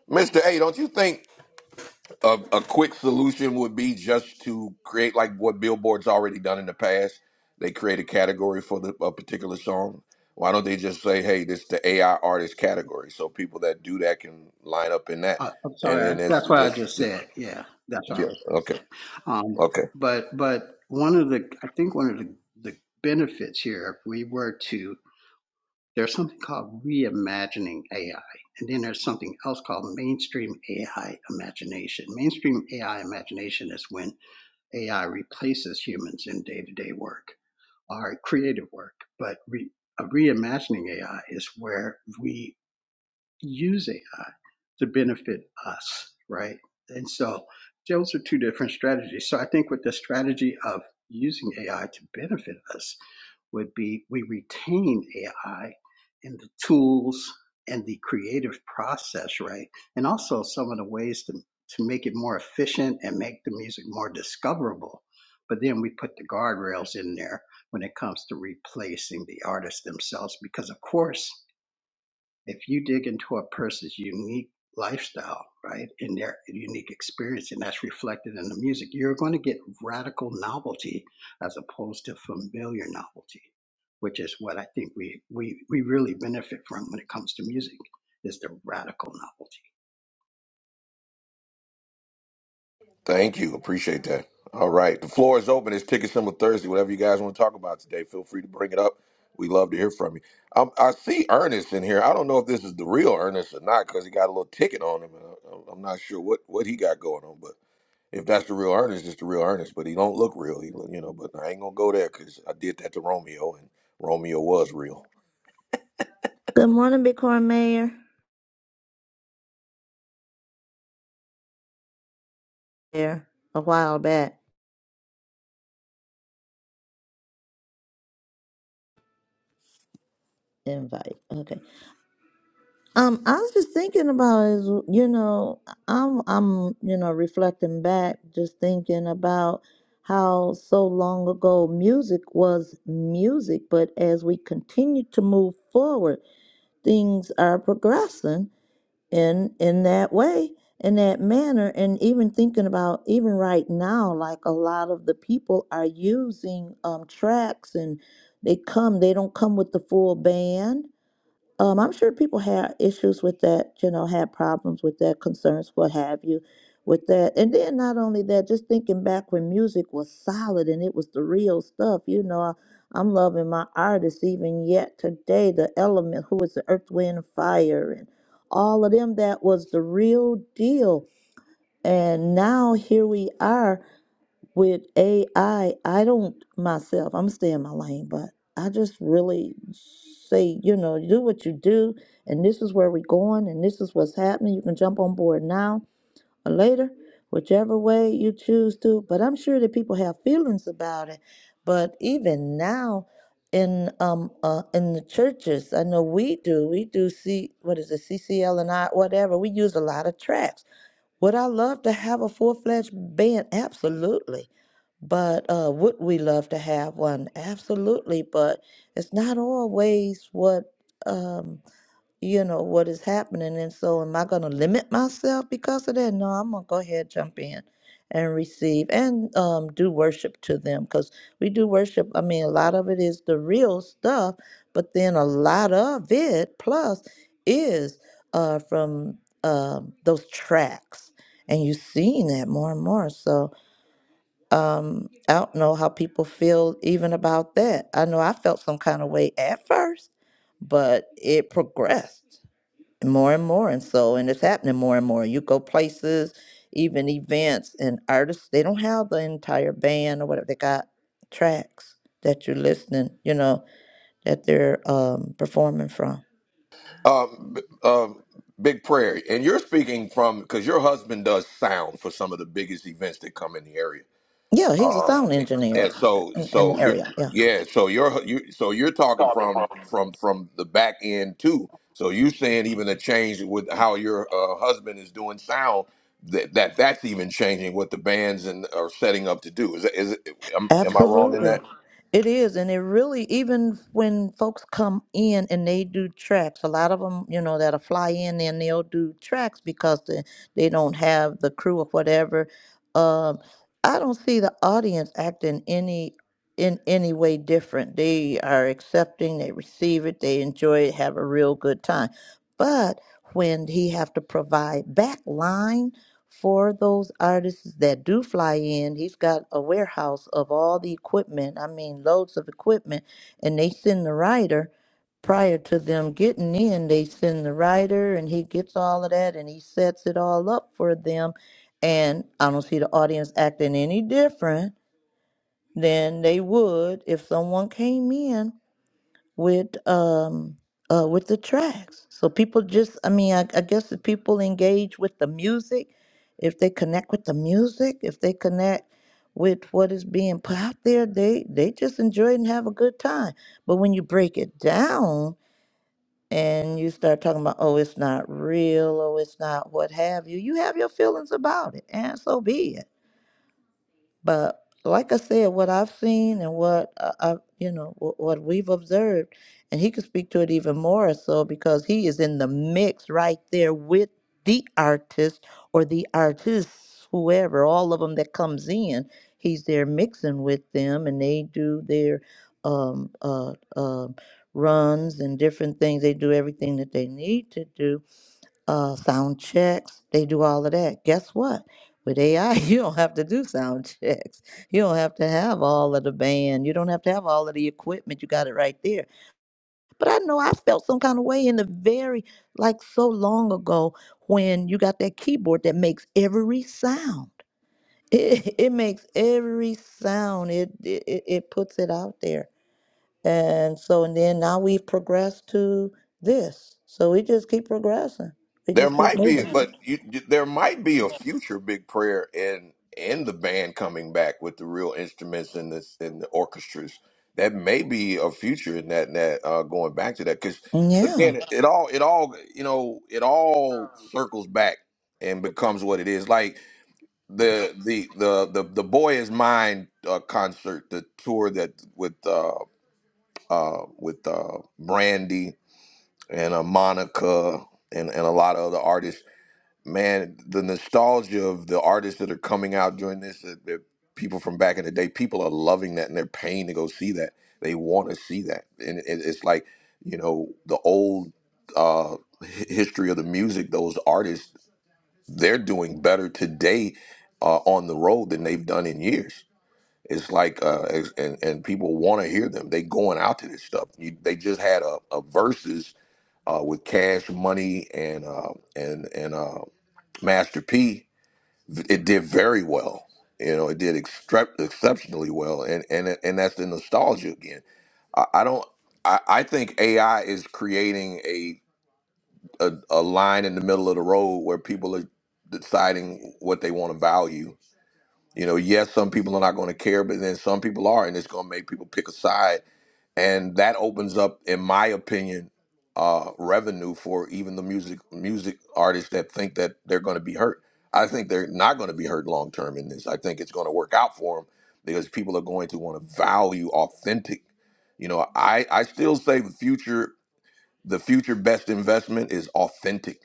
Mister A, don't you think a, a quick solution would be just to create like what Billboard's already done in the past? They create a category for the, a particular song. Why don't they just say, "Hey, this is the AI artist category," so people that do that can line up in that, Uh, I'm and sorry. I, then it's that's what I just, just just said. Yeah, that's what I yeah, was okay, saying. Um, okay. but but one of the I think one of the, the benefits here, if we were to, there's something called reimagining AI, and then there's something else called mainstream AI imagination. Mainstream AI imagination is when AI replaces humans in day-to-day work or creative work, but re, a reimagining AI is where we use AI to benefit us, right? And so those are two different strategies. So I think with the strategy of using AI to benefit us would be we retain AI in the tools and the creative process, right? And also some of the ways to, to make it more efficient and make the music more discoverable. But then we put the guardrails in there when it comes to replacing the artists themselves, because of course if you dig into a person's unique lifestyle, right, and their unique experience, and that's reflected in the music, you're going to get radical novelty as opposed to familiar novelty, which is what I think we we we really benefit from when it comes to music is the radical novelty. Thank you. Appreciate that. All right. The floor is open. It's Ticket Symbol Thursday. Whatever you guys want to talk about today, feel free to bring it up. We love to hear from you. Um, I see Ernest in here. I don't know if this is the real Ernest or not because he got a little ticket on him. and I- I'm not sure what, what he got going on, but if that's the real Ernest, it's the real Ernest. But he don't look real. He, look- you know. But I ain't gonna go there because I did that to Romeo, and Romeo was real. Good morning, Bitcoin Mayor. There, a while back invite. Okay. Um, I was just thinking about is you know I'm I'm you know reflecting back, just thinking about how so long ago music was music, but as we continue to move forward, things are progressing in in that way in that manner and even thinking about even right now like a lot of the people are using um tracks and they come they don't come with the full band um, I'm sure people had issues with that, you know, had problems with that, concerns, what have you, with that. And then not only that, just thinking back when music was solid and it was the real stuff, you know, I, I'm loving my artists even yet today, the element, who was the earth, wind, and fire, and all of them, that was the real deal. And now here we are with AI, I I don't myself, I'm staying in my lane, but I just really say, you know, you do what you do, and this is where we're going, and this is what's happening. You can jump on board now or later, whichever way you choose to. But I'm sure that people have feelings about it. But even now, in um uh, in the churches, I know we do. We do see what is it, CCL and I, whatever. We use a lot of tracks. Would I love to have a full fledged band? Absolutely but uh, would we love to have one? Absolutely, but it's not always what um, you know what is happening. And so, am I going to limit myself because of that? No, I'm going to go ahead, jump in, and receive and um, do worship to them because we do worship. I mean, a lot of it is the real stuff, but then a lot of it plus is uh, from um, those tracks, and you're seeing that more and more. So. Um, I don't know how people feel even about that. I know I felt some kind of way at first, but it progressed more and more. And so, and it's happening more and more. You go places, even events, and artists, they don't have the entire band or whatever. They got tracks that you're listening, you know, that they're um, performing from. Um, b- um, big prayer, and you're speaking from because your husband does sound for some of the biggest events that come in the area. Yeah, he's a Uh, sound engineer and so in, in so the you're area. Yeah. yeah so you're you so you're talking from from from the back end too so you saying even a change with how your uh, husband is doing sound that, that that's even changing what the bands and are setting up to do is, it- is it, am, am i wrong in that Absolutely. It is. And it really, even when folks come in and they do tracks, a lot of them, you know, that'll fly in and they'll do tracks because the, they don't have the crew or whatever. Um, I don't see the audience acting any in any way different. They are accepting, they receive it, they enjoy it, have a real good time. But when he have to provide back line for those artists that do fly in, he's got a warehouse of all the equipment. I mean, loads of equipment, and they send the writer prior to them getting in. They send the writer, and he gets all of that, and he sets it all up for them. And I don't see the audience acting any different than they would if someone came in with um uh with the tracks so people just i mean I, I guess if people engage with the music if they connect with the music if they connect with what is being put out there they they just enjoy it and have a good time but when you break it down and you start talking about oh it's not real or it's not what have you you have your feelings about it and so be it but like I said, what I've seen and what I, I you know, what, what we've observed, and he could speak to it even more so because he is in the mix right there with the artist or the artists, whoever, all of them that comes in, he's there mixing with them, and they do their um, uh, uh, runs and different things. They do everything that they need to do uh, sound checks. They do all of that. Guess what? With AI, you don't have to do sound checks. You don't have to have all of the band. You don't have to have all of the equipment. You got it right there. But I know I felt some kind of way in the very, like so long ago when you got that keyboard that makes every sound. It, it makes every sound. It, it it it puts it out there. And so and then now we've progressed to this. So we just keep progressing. We There just keep might be, moving. but you, there might be a future big prayer in in the band coming back with the real instruments and this and the orchestras. That may be a future in that in that uh, going back to that because Yeah. again, it, it all it all you know it all circles back and becomes what it is. Like the the the the, the boy is mine uh, concert, the tour that with uh, uh, with uh, Brandy and uh, Monica and and a lot of other artists man, the nostalgia of the artists that are coming out during this, the, the people from back in the day, people are loving that and they're paying to go see that. They want to see that, and it, it's like you know the old uh, hi- history of the music. Those artists, they're doing better today uh, on the road than they've done in years. It's like, uh, it's- and and people want to hear them. They going out to this stuff. You, they just had a, a versus uh, with Cash Money and uh, and and uh, Master P it did very well. You know, it did extre- exceptionally well, and and and that's the nostalgia again. I, I don't. I, I think AI is creating a, a a line in the middle of the road where people are deciding what they want to value. You know, yes, some people are not going to care, but then some people are, and it's going to make people pick a side and that opens up, in my opinion, uh, revenue for even the music music artists that think that they're going to be hurt. I think they're not going to be hurt long term in this. I think it's going to work out for them because people are going to want to value authentic. You know, I I still say the future the future best investment is authentic.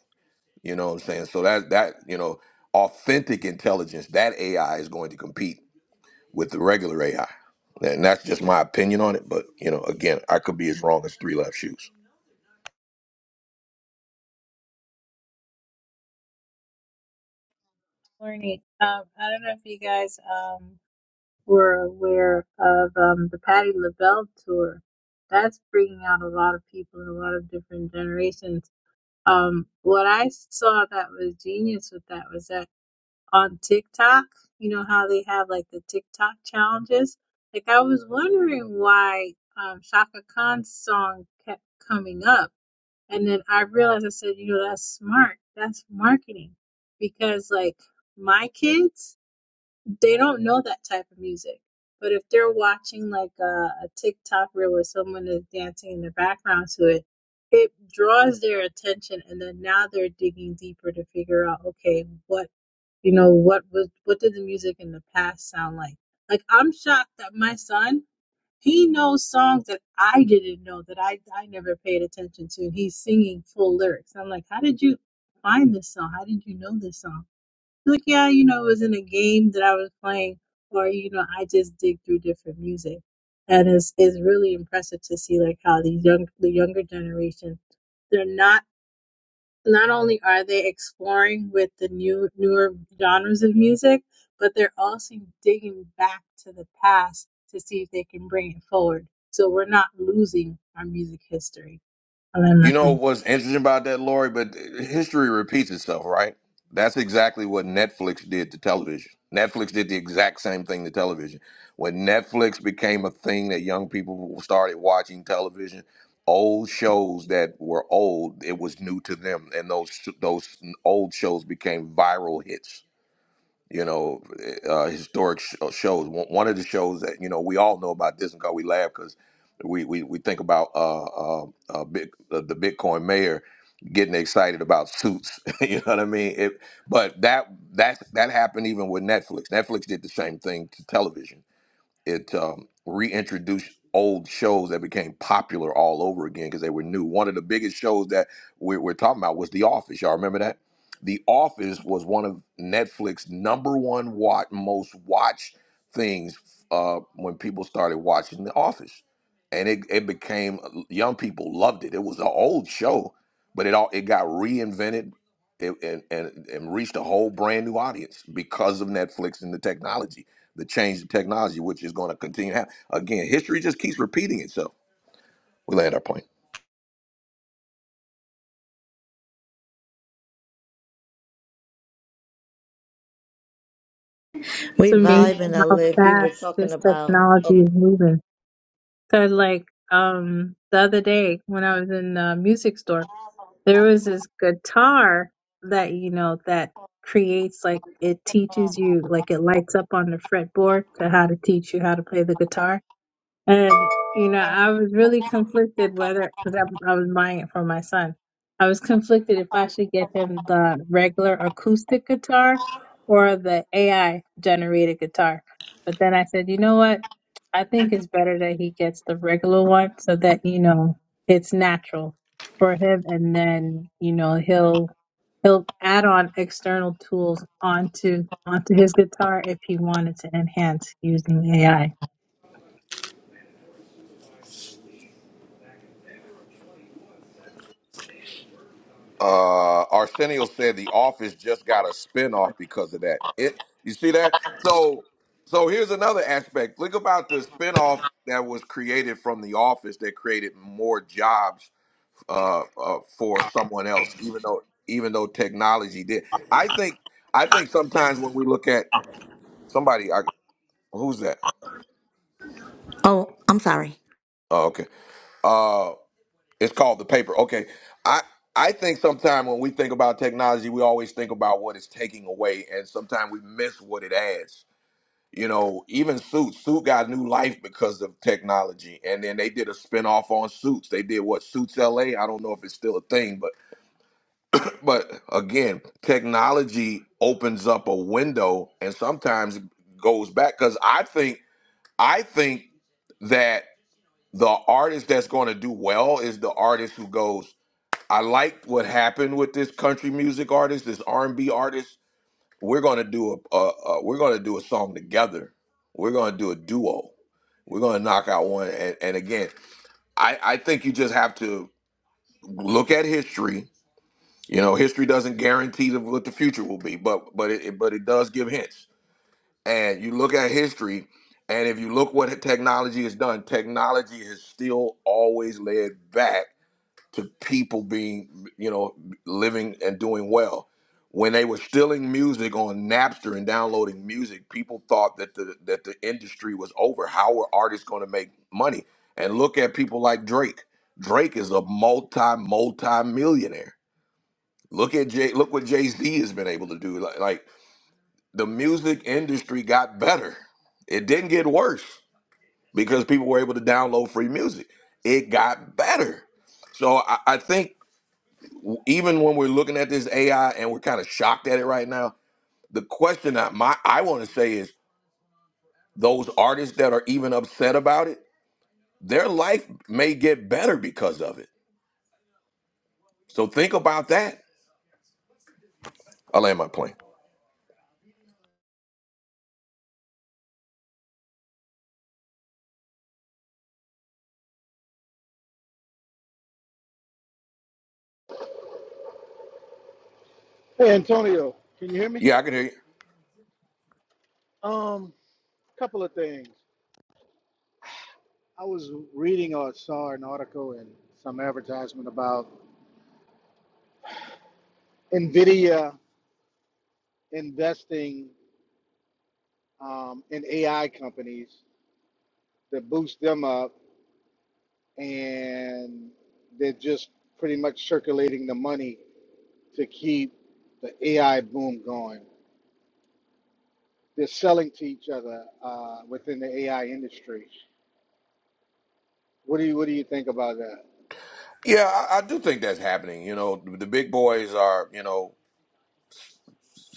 You know what I'm saying? So that that you know authentic intelligence that AI is going to compete with the regular AI. And that's just my opinion on it. But, you know, again, I could be as wrong as three left shoes. Morning. Um, I don't know if you guys um, were aware of um, the Patti LaBelle tour. That's bringing out a lot of people in a lot of different generations. Um, what I saw that was genius with that was that on TikTok, you know how they have like the TikTok challenges? Like I was wondering why um, Shaka Khan's song kept coming up. And then I realized I said, you know, that's smart. That's marketing. Because like my kids, they don't know that type of music. But if they're watching like a, a TikTok reel where someone is dancing in the background to it, it draws their attention, and then now they're digging deeper to figure out, okay, what you know, what was what did the music in the past sound like? Like I'm shocked that my son he knows songs that I didn't know that I I never paid attention to. He's singing full lyrics. I'm like, how did you find this song? How did you know this song? Like, yeah, you know, it was in a game that I was playing, or you know, I just dig through different music, and it's it's really impressive to see like how these young the younger generation, they're not not only are they exploring with the new newer genres of music, but they're also digging back to the past to see if they can bring it forward. So we're not losing our music history. I love my You know plane. what's interesting about that, Lori? But uh, history repeats itself, right? That's exactly what Netflix did to television. Netflix did the exact same thing to television. When Netflix became a thing that young people started watching television, old shows that were old, it was new to them. And those, those old shows became viral hits you know, eh, uh, historic sh- uh, shows. One one of the shows that you know we all know about this and God, we laugh because we, we we think about uh, uh, uh, big, uh, the Bitcoin mayor getting excited about suits. you know what I mean? It, but that that that happened even with Netflix. Netflix did the same thing to television it um, reintroduced old shows that became popular all over again because they were new. One of the biggest shows that we, we're talking about was The Office. Y'all remember that? The Office was one of Netflix's number one watch, most watched things uh, when people started watching The Office, and it, it became uh, young people loved it. It was an old show, but it all it got reinvented and, and, and and reached a whole brand new audience because of Netflix and the technology, the change of technology, which is going to continue to happen. Again, history just keeps repeating itself. We land our plane. It's We amazing vibing, I how live. You were fast talking this about. technology Oh, is moving. Cause like um the other day when I was in the music store, there was this guitar that you know that creates like it teaches you like it lights up on the fretboard to how to teach you how to play the guitar. And you know, I was really conflicted whether because I, I was buying it for my son. I was conflicted if I should get him the regular acoustic guitar or the AI generated guitar. But then I said, you know what? I think it's better that he gets the regular one so that you know it's natural for him, and then you know he'll he'll add on external tools onto onto his guitar if he wanted to enhance using AI Uh, Arsenio said The Office just got a spinoff because of that. It you see that? So so here's another aspect. Think about the spinoff that was created from The Office that created more jobs uh, uh for someone else, even though even though technology did. I think I think sometimes when we look at somebody I who's that? oh, I'm sorry. Oh, okay. Uh it's called the paper. Okay. I I think sometimes when we think about technology, we always think about what it's taking away and sometimes we miss what it adds. You know, even Suits, Suit got new life because of technology. And then they did a spinoff on Suits. They did what Suits LA. I don't know if it's still a thing, but but again, technology opens up a window and sometimes goes back cuz I think I think that the artist that's going to do well is the artist who goes i liked what happened with this country music artist this r&b artist we're going to do a, a, a we're going to do a song together we're going to do a duo we're going to knock out one and, and again I, I think you just have to look at history you know history doesn't guarantee the, what the future will be but but it but it does give hints and you look at history and if you look what technology has done technology has still always led back to people being, you know, living and doing well. When they were stealing music on Napster and downloading music, people thought that the that the industry was over. How were artists going to make money? And look at people like Drake. Drake is a multi multi millionaire. Look at Jay. Look what Jay Z has been able to do. Like, like the music industry got better. It didn't get worse because people were able to download free music. It got better. So I, I think even when we're looking at this AI and we're kind of shocked at it right now, the question that my I want to say is those artists that are even upset about it, their life may get better because of it. So think about that. I land my plane. Hey Antonio, can you hear me? Yeah, I can hear you. Um, couple of things. I was reading or saw an article and some advertisement about Nvidia investing um, in AI companies to boost them up, and they're just pretty much circulating the money to keep the AI boom going. They're selling to each other uh, within the AI industry. What do you What do you think about that? Yeah, I, I do think that's happening. You know, the the big boys are, you know,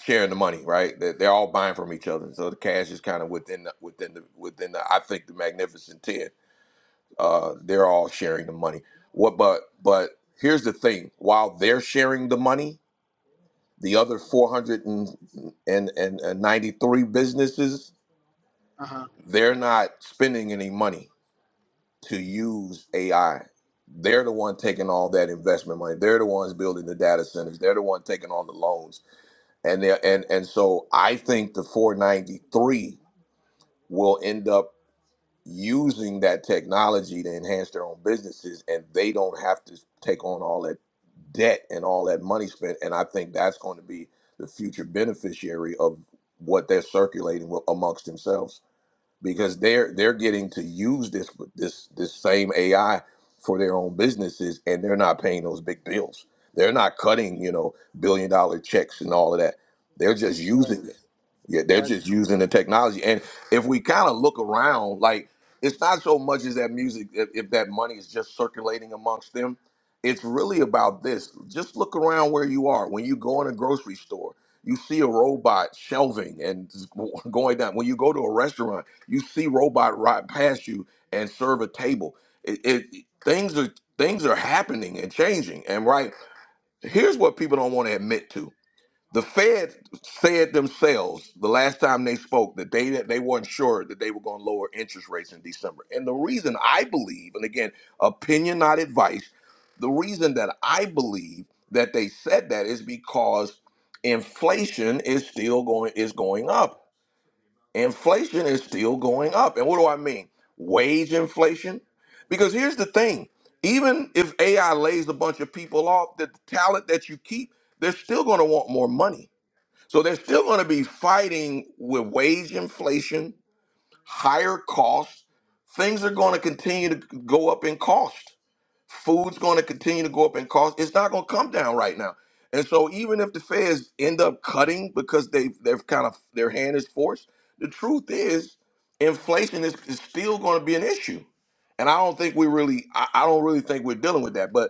sharing the money, right? They're, they're all buying from each other, so the cash is kind of within the, within the within the. I think the Magnificent Ten. uh, they're all sharing the money. What? But but here's the thing: while they're sharing the money, the other 493 businesses Uh huh. they're not spending any money to use AI. They're the one taking all that investment money. They're the ones building the data centers. They're the one taking all the loans. And they are and and so I think the 493 will end up using that technology to enhance their own businesses and they don't have to take on all that debt and all that money spent and i think that's going to be the future beneficiary of what they're circulating wi- amongst themselves because they're they're getting to use this this this same AI for their own businesses, and they're not paying those big bills. They're not cutting you know billion dollar checks and all of that. They're just All Right. using it. Yeah, they're Gotcha. just using the technology. And if we kind of look around, like it's not so much as that music if, if that money is just circulating amongst them. It's really about this. Just look around where you are. When you go in a grocery store, you see a robot shelving and going down. When you go to a restaurant you see robot ride past you and serve a table. It, it things are things are happening and changing. And right here's what people don't want to admit to. The Fed said themselves the last time they spoke that they that they weren't sure that they were going to lower interest rates in December. And the reason I believe, and again, opinion not advice, the reason that I believe that they said that is because inflation is still going is going up inflation is still going up. And what do I mean? Wage inflation? Because here's the thing even if AI lays a bunch of people off, the talent that you keep, they're still going to want more money. So they're still going to be fighting with wage inflation, higher costs. Things are going to continue to go up in cost. Food's going to continue to go up in cost. It's not going to come down right now. And so even if the feds end up cutting because they they've kind of their hand is forced, the truth is inflation is, is still going to be an issue. And I don't think we really I, I don't really think we're dealing with that, but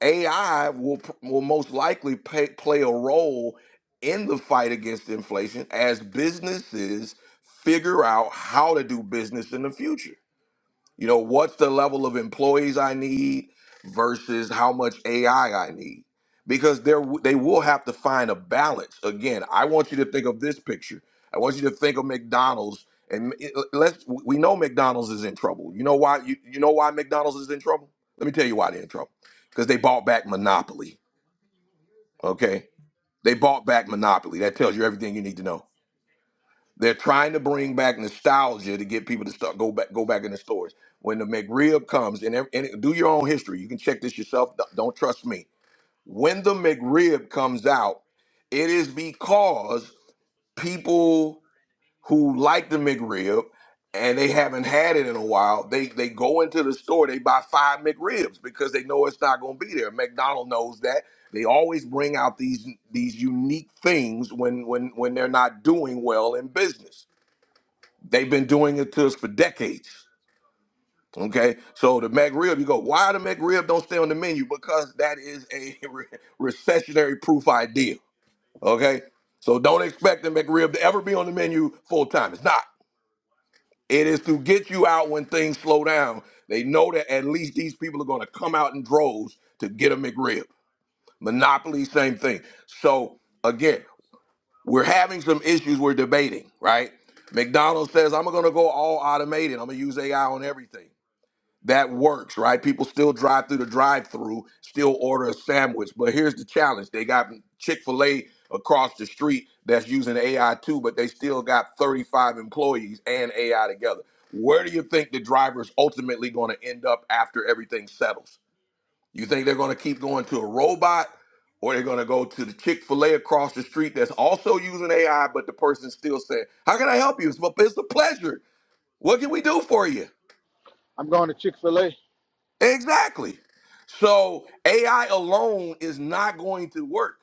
AI will pr- will most likely pay, play a role in the fight against inflation as businesses figure out how to do business in the future. You know, what's the level of employees I need versus how much AI I I need? Because there w- they will have to find a balance. Again, I want you to think of this picture. I want you to think of McDonald's and it- let's we know McDonald's is in trouble. You know why you, you know why McDonald's is in trouble? Let me tell you why they're in trouble. Cuz they bought back Monopoly, okay? They bought back Monopoly. That tells you everything you need to know they're trying to bring back nostalgia to get people to start go back go back in the stores. When the McRib comes, and, ev- and do your own history. You can check this yourself. Don't don't trust me. When the McRib comes out, it is because people who like the McRib and they haven't had it in a while, they they go into the store, they buy five McRibs because they know it's not going to be there. McDonald knows that. They always bring out these these unique things when when when they're not doing well in business They've been doing it to us for decades. Okay, so the McRib, you go, why the McRib don't stay on the menu? Because that is a re- recessionary proof idea. Okay, so don't expect the McRib to ever be on the menu full time. It's not. It is to get you out when things slow down. They know that at least these people are going to come out in droves to get a McRib. Monopoly, same thing. So again, we're having some issues we're debating, right? McDonald's says, I'm going to go all automated. I'm going to use AI on everything. That works, right? People still drive through the drive through, still order a sandwich. But here's the challenge they got Chick fil A across the street that's using AI too, but they still got 35 employees and AI together. Where do you think the driver's ultimately going to end up after everything settles? You think they're going to keep going to a robot or they're going to go to the Chick fil A across the street that's also using AI, but the person's still saying, How can I help you? It's, my- it's a pleasure. What can we do for you? I'm going to Chick Fil A. Exactly. So AI alone is not going to work.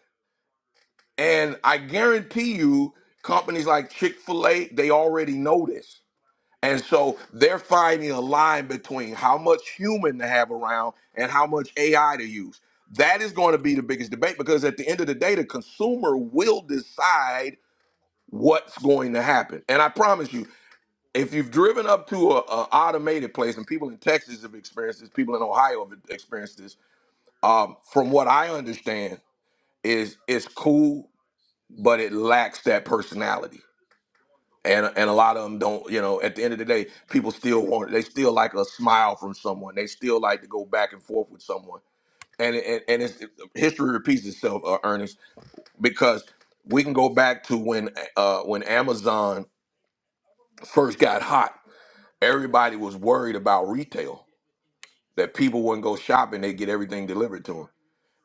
And I guarantee you, companies like Chick fil A, they already know this And so they're finding a line between how much human to have around and how much AI to use. That is going to be the biggest debate because at the end of the day, the consumer will decide what's going to happen. And I promise you, if you've driven up to a, a automated place, and people in Texas have experienced this, people in Ohio have experienced this, um, from what I understand, is it's cool, but it lacks that personality and and a lot of them don't you know at the end of the day people still want they still like a smile from someone they still like to go back and forth with someone and and, and it's, history repeats itself uh, ernest because we can go back to when uh when amazon first got hot everybody was worried about retail that people wouldn't go shopping they get everything delivered to them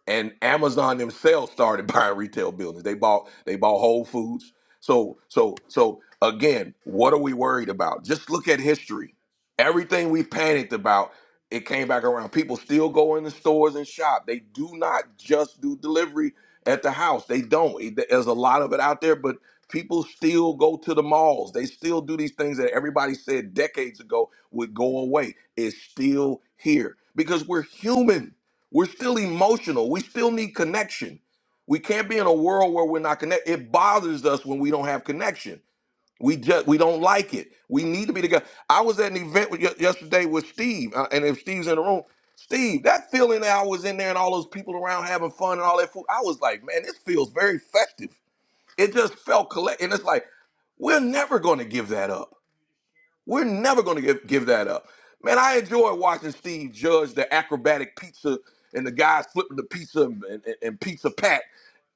and Amazon themselves started buying retail buildings. They bought they bought Whole Foods. So so so again, what are we worried about? Just look at history. Everything we panicked about, it came back around. People still go in the stores and shop. They do not just do delivery at the house. They don't. It- There's a lot of it out there, but people still go to the malls. They still do these things that everybody said decades ago would go away. It's still here because we're human. We're still emotional. We still need connection. We can't be in a world where we're not connected. It bothers us when we don't have connection. We just we don't like it. We need to be together. I was at an event with, ye- yesterday with Steve, uh, and if Steve's in the room, Steve, that feeling that I was in there and all those people around having fun and all that food, I was like, man, this feels very festive. It just felt collect, and it's like we're never going to give that up. We're never going to give, give that up. Man, I enjoy watching Steve judge the acrobatic pizza and the guys flipping the pizza and, and, and pizza pat.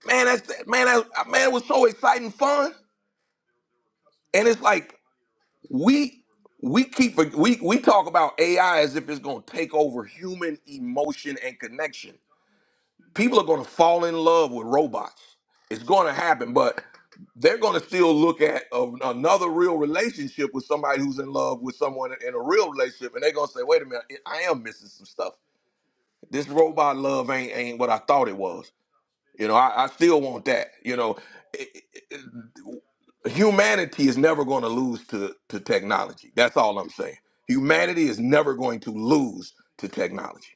Man, that's man, that, man, it was so exciting, fun, and it's like we we keep we we talk about AI as if it's going to take over human emotion and connection people are going to fall in love with robots. It's going to happen, but they're going to still look at a, another real relationship with somebody who's in love with someone in a real relationship, and they're going to say, "Wait a minute, I am missing some stuff. This robot love ain't ain't what I thought it was. You know, I, I still want that. You know, It- it- humanity is never going to lose to to technology. That's all I'm saying. Humanity is never going to lose to technology.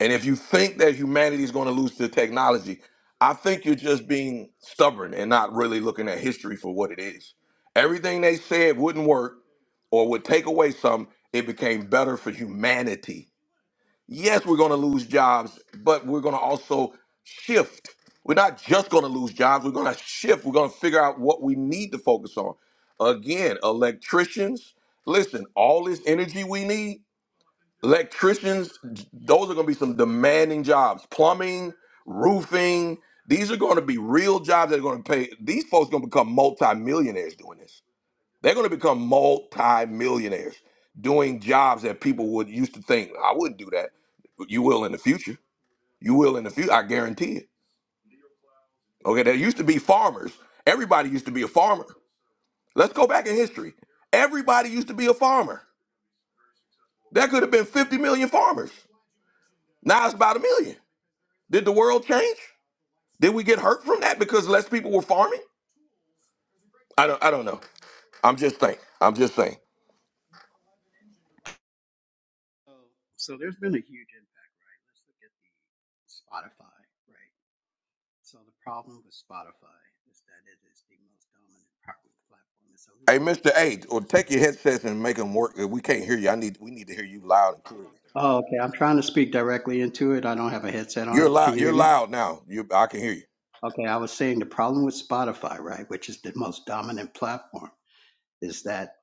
And if you think that humanity is going to lose to technology, I think you're just being stubborn and not really looking at history for what it is. Everything they said wouldn't work or would take away some, it became better for humanity. Yes, we're going to lose jobs, but we're going to also shift. We're not just going to lose jobs, we're going to shift. We're going to figure out what we need to focus on. Again, electricians, listen, all this energy we need electricians those are going to be some demanding jobs plumbing roofing these are going to be real jobs that are going to pay these folks are going to become multimillionaires doing this they're going to become multimillionaires doing jobs that people would used to think i wouldn't do that you will in the future you will in the future i guarantee it okay there used to be farmers everybody used to be a farmer let's go back in history everybody used to be a farmer there could have been 50 million farmers now it's about a million Did the world change? Did we get hurt from that because less people were farming? I don't I don't know. I'm just saying. I'm just saying. So, so there's been a huge impact. Let's look at the Spotify, right? So the problem with Spotify is that it is the most dominant platform. It's Hey, Mr. A, or oligopolistic take your headsets and make them work. We can't hear you. I need we need to hear you loud and clearly. Oh, okay. I'm trying to speak directly into it. I don't have a headset You're on. loud. Can you You're hear me? loud now. You I can hear you. Okay. I was saying the problem with Spotify, right, which is the most dominant platform, is that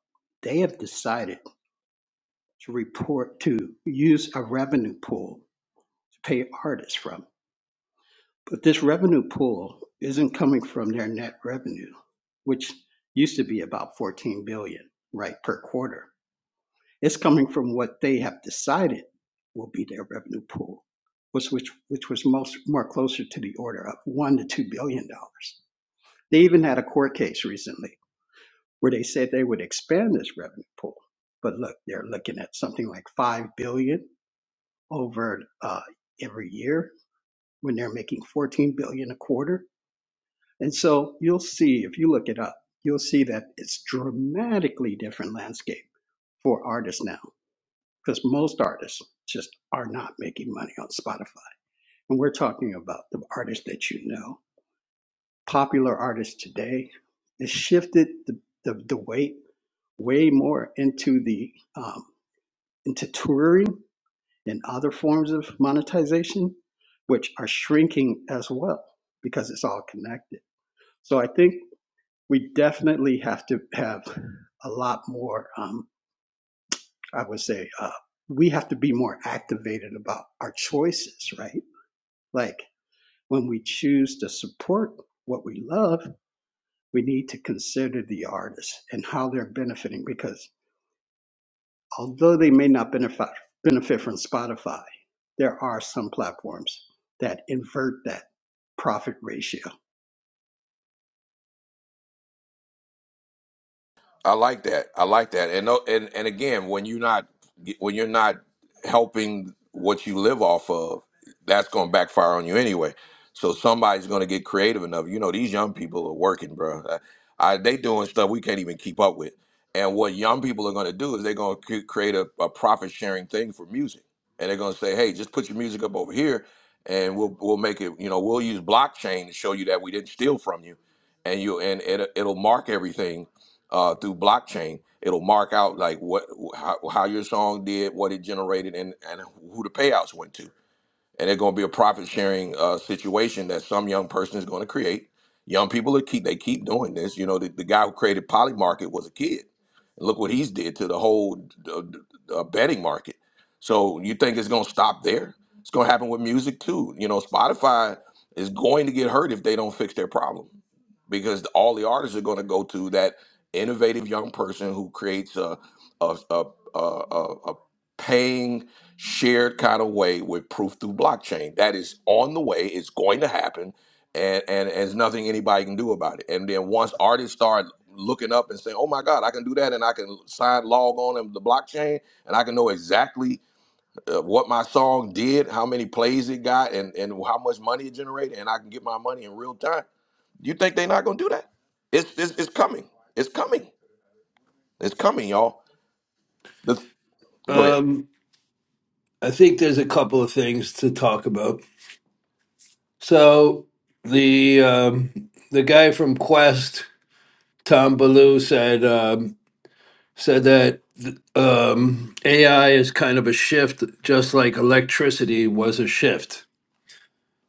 they have decided to report to use a revenue pool to pay artists from. But this revenue pool isn't coming from their net revenue, which used to be about 14 billion, right, per quarter. It's coming from what they have decided will be their revenue pool, which which which was most more closer to the order of one to two billion dollars. They even had a court case recently where they said they would expand this revenue pool, but look, they're looking at something like five billion over uh, every year when they're making fourteen billion a quarter. And so you'll see if you look it up, you'll see that it's dramatically different landscape for artists now because most artists just are not making money on Spotify. And we're talking about the artists that you know. Popular artists today, it shifted the, the, the weight way more into the um, into touring and other forms of monetization, which are shrinking as well because it's all connected. So I think we definitely have to have a lot more. Um, I would say uh, we have to be more activated about our choices, right? Like when we choose to support what we love, we need to consider the artists and how they're benefiting because although they may not benefit, benefit from Spotify, there are some platforms that invert that profit ratio. I like that. I like that. And no- and and again, when you're not when you're not helping what you live off of, that's going to backfire on you anyway. So somebody's going to get creative enough. You know, these young people are working, bro. I, they doing stuff we can't even keep up with. And what young people are going to do is they're going to create a, a profit sharing thing for music, and they're going to say, "Hey, just put your music up over here, and we'll we'll make it. You know, we'll use blockchain to show you that we didn't steal from you." and you and it, it'll mark everything uh, through blockchain. It'll mark out like what how, how your song did, what it generated, and and who the payouts went to. And it's going to be a profit sharing uh, situation that some young person is going to create. Young people are keep they keep doing this. You know, the, the guy who created Polymarket was a kid. Look what he's did to the whole uh, uh, betting market. So you think it's going to stop there? It's going to happen with music too. You know, Spotify is going to get hurt if they don't fix their problem because all the artists are going to go to that innovative young person who creates a a a a, a, a paying shared kind of way with proof through blockchain. That is on the way. It's going to happen, and and, there's nothing anybody can do about it. And then once artists start looking up and saying, "Oh my God, I can do that," and I can sign log on to the blockchain, and I can know exactly uh, what my song did, how many plays it got, and and how much money it generated, and I can get my money in real time you think they're not going to do that? It's, it's it's coming. It's coming. It's coming, y'all. Let's, go ahead. Um, I think there's a couple of things to talk about. So the um, the guy from Quest, Tom Ballou, said um, said that um, AI is kind of a shift, just like electricity was a shift.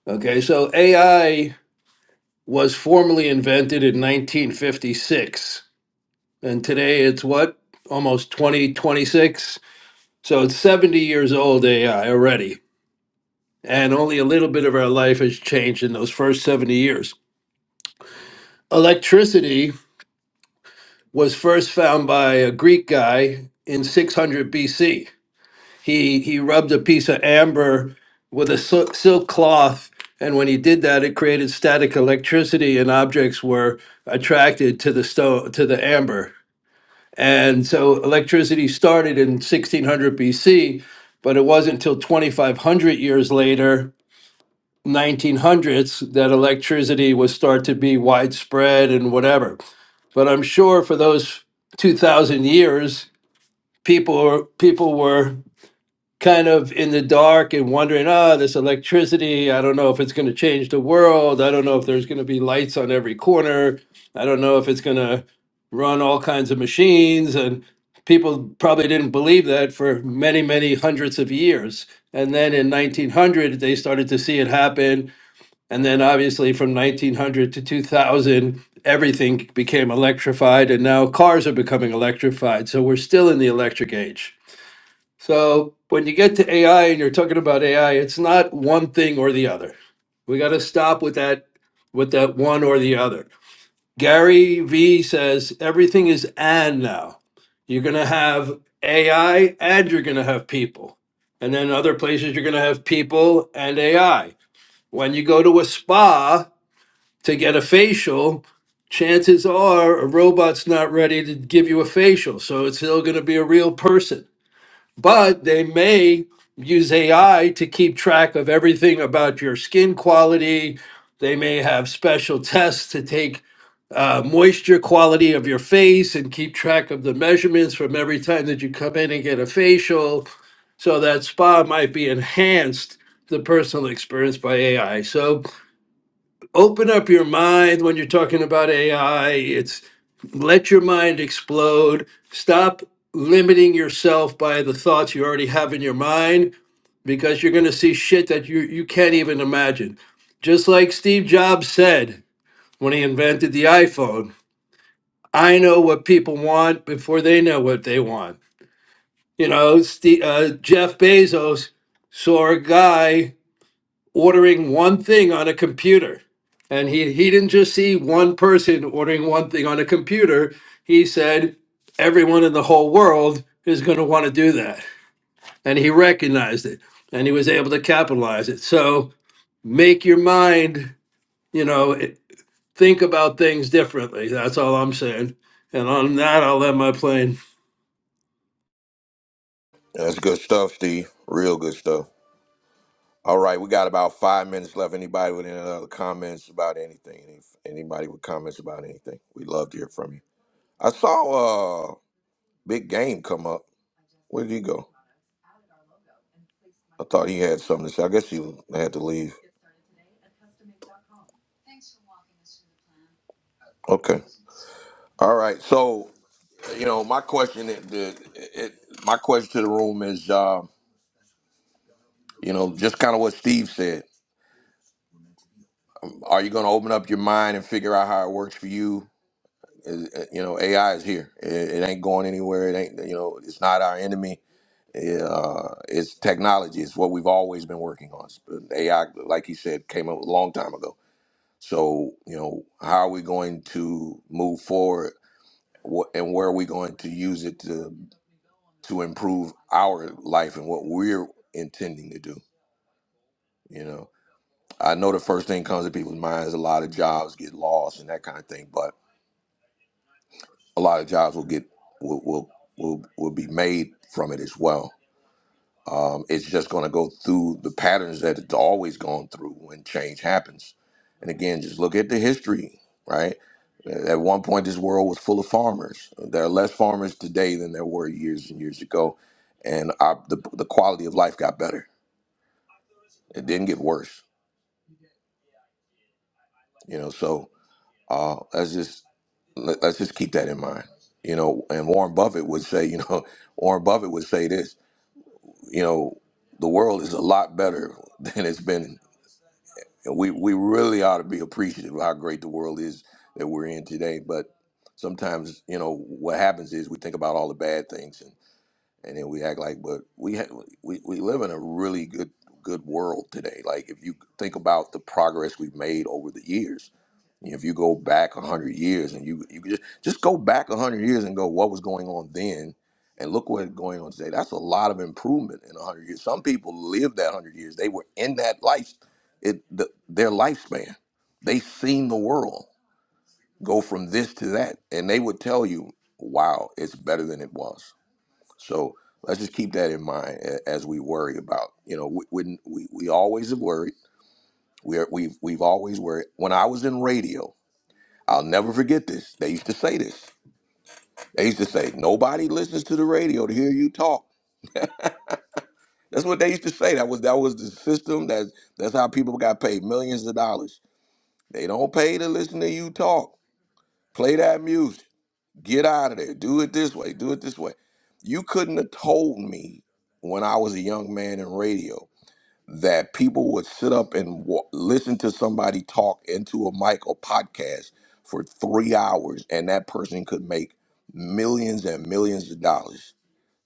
Okay, so AI was formally invented in 1956, and today it's what almost 2026. So it's 70 years old AI already and only a little bit of our life has changed in those first 70 years. Electricity was first found by a Greek guy in 600 BC. He, he rubbed a piece of amber with a sil- silk cloth, and when he did that, it created static electricity, and objects were attracted to the, sto- to the amber. And so electricity started in 1600 BC, but it wasn't until 2500 years later 1900s that electricity would start to be widespread and whatever. But I'm sure for those 2,000 years, people were, people were kind of in the dark and wondering, oh, this electricity, I don't know if it's going to change the world. I don't know if there's going to be lights on every corner. I don't know if it's going to run all kinds of machines. And people probably didn't believe that for many, many hundreds of years. And then in 1900, they started to see it happen and then obviously from 1900 to 2000, everything became electrified, and now cars are becoming electrified. So we're still in the electric age. So when you get to AI and you're talking about AI, it's not one thing or the other. We got to stop with that with that one or the other. Gary V says everything is and now. You're going to have AI and you're going to have people. And then other places you're going to have people and AI. When you go to a spa, to get a facial, chances are a robot's not ready to give you a facial. So it's still going to be a real person. But they may use AI to keep track of everything about your skin quality. They may have special tests to take uh, moisture quality of your face and keep track of the measurements from every time that you come in and get a facial. So that spa might be enhanced the personal experience by AI. So open up your mind when you're talking about AI. It's let your mind explode. Stop limiting yourself by the thoughts you already have in your mind because you're going to see shit that you, you can't even imagine. Just like Steve Jobs said when he invented the iPhone, I know what people want before they know what they want. You know, Steve, uh, Jeff Bezos saw a guy ordering one thing on a computer. And he, he didn't just see one person ordering one thing on a computer. He said, everyone in the whole world is going to want to do that. And he recognized it and he was able to capitalize it. So make your mind, you know, it- think about things differently. That's all I'm saying. And on that, I'll land my plane. That's good stuff, Steve. Real good stuff. All right, we got about five minutes left. Anybody with any other comments about anything? Any, anybody with comments about anything? We'd love to hear from you. I saw uh big game come up. Where did he go? I thought he had something to say. I guess he had to leave. Okay. All right. So you know, my question, it, the, it, my question to the room is, uh, you know, just kind of what Steve said Are you going to open up your mind and figure out how it works for you? Is- uh, You know, AI is here. It, it ain't going anywhere. It ain't, you know, it's not our enemy. It, uh, it's technology. It's what we've always been working on. But AI, like you said, came up a long time ago. So, you know, how are we going to move forward What and where are we going to use it to, to improve our life and what we're intending to do? You know, I know the first thing comes to people's minds a lot of jobs get lost and that kind of thing, but a lot of jobs will get will will will, will be made from it as well. Um, it's just going to go through the patterns that it's always gone through when change happens. And again, just look at the history, right? At one point, this world was full of farmers. There are less farmers today than there were years and years ago, and our, the the quality of life got better. It didn't get worse, you know. So uh, let's just let, let's just keep that in mind, you know. And Warren Buffett would say, you know, Warren Buffett would say this. You know, the world is a lot better than it's been. And we, we really ought to be appreciative of how great the world is that we're in today. But sometimes, you know, what happens is we think about all the bad things and and then we act like but we ha- we we live in a really good good world today like if you think about the progress we've made over the years if you go back 100 years and you you just just go back 100 years and go what was going on then and look what's going on today that's a lot of improvement in 100 years some people lived that 100 years they were in that life it the, their lifespan they seen the world go from this to that and they would tell you wow it's better than it was so let's just keep that in mind a- as we worry about. You know, we- when we, we always have worried. We are, we've we've always worried. When I was in radio, I'll never forget this. They used to say this. They used to say nobody listens to the radio to hear you talk. That's what they used to say. That was that was the system. That's that's how people got paid millions of dollars. They don't pay to listen to you talk. Play that music. Get out of there. Do it this way. Do it this way. You couldn't have told me when I was a young man in radio that people would sit up and wa listen to somebody talk into a mic or podcast for three hours, and that person could make millions and millions of dollars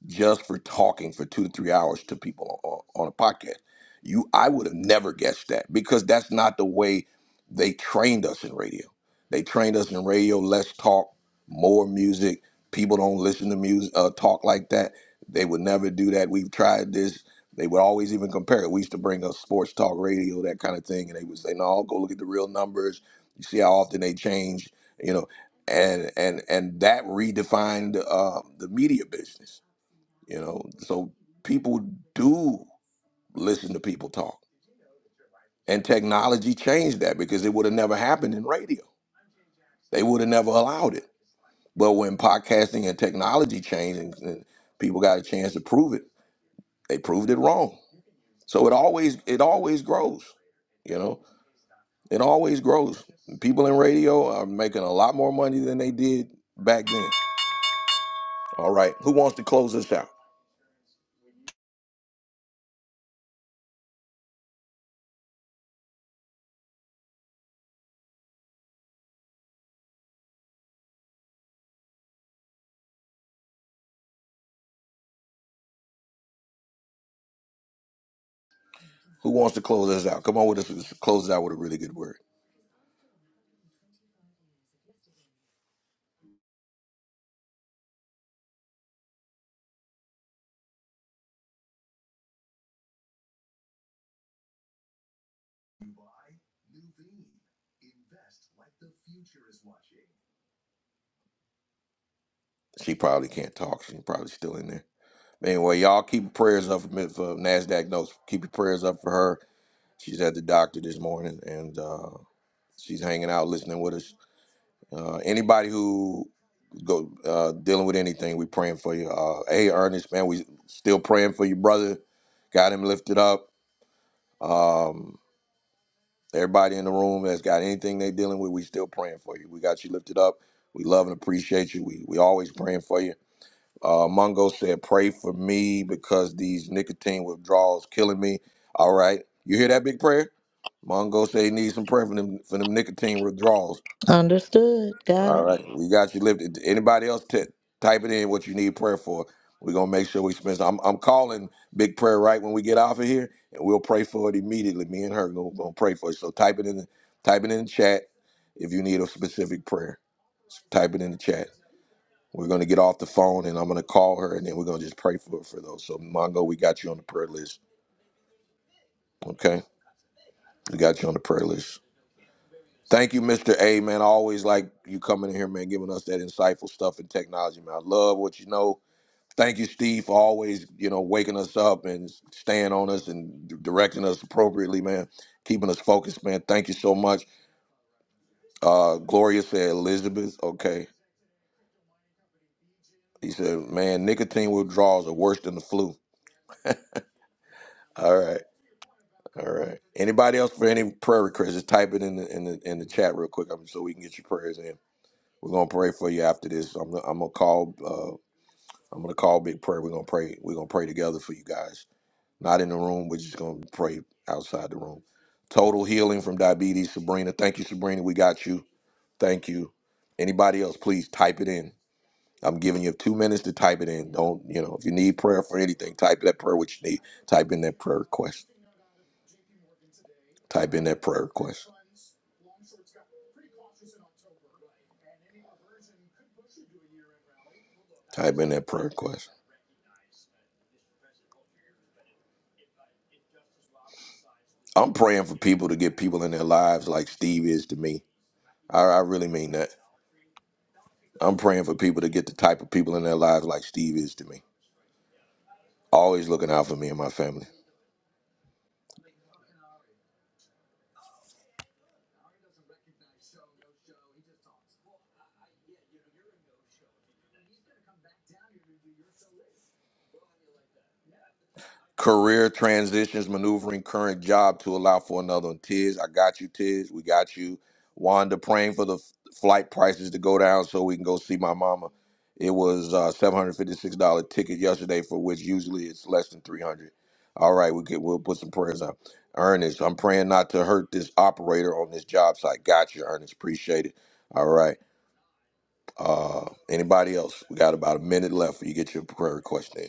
just for talking for two to three hours to people on, on a podcast. You, I would have never guessed that because that's not the way they trained us in radio. They trained us in radio. less talk more music. People don't listen to music uh, talk like that. They would never do that. We've tried this. They would always even compare it. We used to bring up sports talk radio, that kind of thing, and they would say, "No, go look at the real numbers. You see how often they change." You know, and and and that redefined uh, the media business you know so people do listen to people talk and technology changed that because it would have never happened in radio they would have never allowed it but when podcasting and technology changed and, and people got a chance to prove it they proved it wrong so it always it always grows you know it always grows people in radio are making a lot more money than they did back then all right who wants to close this out who wants to close this out come on with us close it out with a really good word She probably can't talk. She's probably still in there. But anyway, y'all keep your prayers up for, for Nasdaq notes. Keep your prayers up for her. She's at the doctor this morning, and uh, she's hanging out, listening with us. Uh, anybody who go uh, dealing with anything, we praying for you. Uh, hey, Ernest, man, we still praying for you, brother. Got him lifted up. Um, everybody in the room that's got anything they dealing with, we still praying for you. We got you lifted up. We love and appreciate you. We we always praying for you. Uh, Mongo said, "Pray for me because these nicotine withdrawals killing me." All right, you hear that big prayer? Mongo said he needs some prayer for them for them nicotine withdrawals. Understood. Got All it. right, we got you lifted. Anybody else? T- type it in what you need prayer for. We're gonna make sure we spend. Some. I'm I'm calling big prayer right when we get off of here, and we'll pray for it immediately. Me and her gonna, pray for it. So type it in, the, type it in the chat if you need a specific prayer. Type it in the chat. We're going to get off the phone and I'm going to call her and then we're going to just pray for for those. So, Mongo, we got you on the prayer list. Okay. We got you on the prayer list. Thank you, Mr. A, man. I always like you coming in here, man, giving us that insightful stuff and technology, man. I love what you know. Thank you, Steve, for always, you know, waking us up and staying on us and d- directing us appropriately, man. Keeping us focused, man. Thank you so much. Uh, Gloria said, Elizabeth, okay. He said, man, nicotine withdrawals are worse than the flu. All right. All right. Anybody else for any prayer requests? Just type it in the in the in the chat real quick, um, so we can get your prayers in. We're gonna pray for you after this. I'm gonna, I'm gonna call. Uh, I'm gonna call Big Prayer. We're gonna pray. We're gonna pray together for you guys. Not in the room. We're just gonna pray outside the room. Total healing from diabetes, Sabrina. Thank you, Sabrina. We got you. Thank you. Anybody else? Please type it in. I'm giving you two minutes to type it in. Don't you know? If you need prayer for anything, type that prayer. What you need. Type in that prayer request. Type in that prayer request. Type in that prayer question. I'm praying for people to get people in their lives like Steve is to me. I, I really mean that. I'm praying for people to get the type of people in their lives like Steve is to me. Always looking out for me and my family. Career transitions, maneuvering current job to allow for another one. Tiz, I got you, Tiz. We got you. Wanda praying for the f- flight prices to go down so we can go see my mama. It was uh, $756 ticket yesterday, for which usually it's less than 300 All right, we could, we'll put some prayers up. Ernest, I'm praying not to hurt this operator on this job site. Got you, Ernest. Appreciate it. All right. Uh, anybody else? We got about a minute left for you get your prayer request in.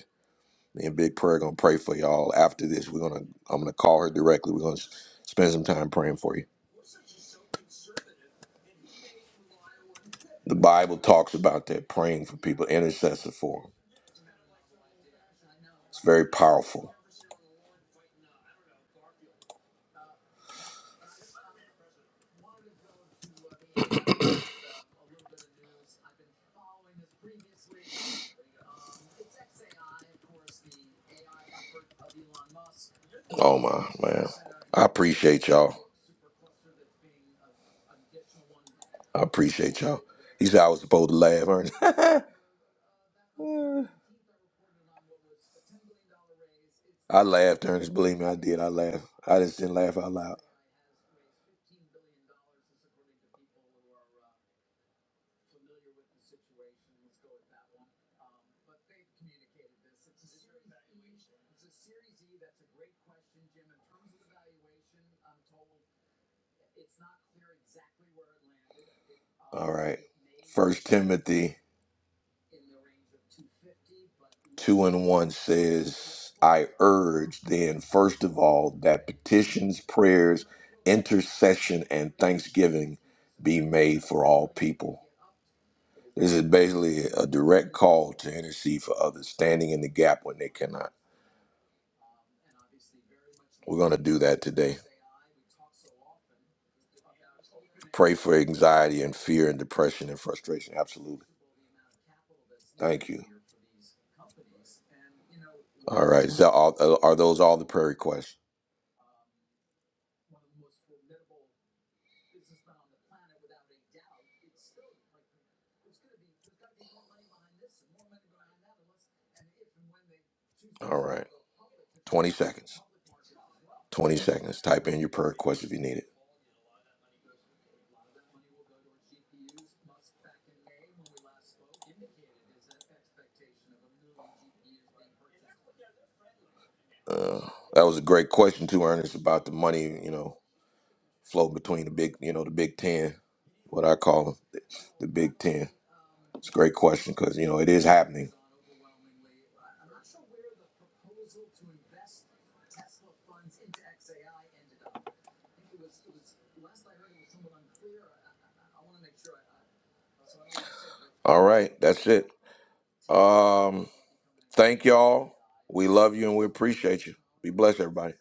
Me and Big Prayer gonna pray for y'all after this. We're gonna I'm gonna call her directly. We're gonna s- spend some time praying for you. The Bible talks about that praying for people, intercessor for them. It's very powerful. Oh my man, I appreciate y'all. I appreciate y'all. He said I was supposed to laugh, Ernest. I laughed, Ernest. Believe me, I did. I laughed. I just didn't laugh out loud. All right. First Timothy 2 and 1 says, I urge then, first of all, that petitions, prayers, intercession, and thanksgiving be made for all people. This is basically a direct call to intercede for others, standing in the gap when they cannot. We're going to do that today. Pray for anxiety and fear and depression and frustration. Absolutely. Thank you. All right. So, are are those all the prayer requests? All right. 20 seconds. 20 seconds. Type in your prayer request if you need it. Uh, that was a great question too, Ernest, about the money, you know, flow between the big, you know, the Big Ten, what I call them, the the Big Ten. It's a great question because, you know, it is happening. All right, that's it. Um, thank y'all. We love you and we appreciate you. Be blessed, everybody.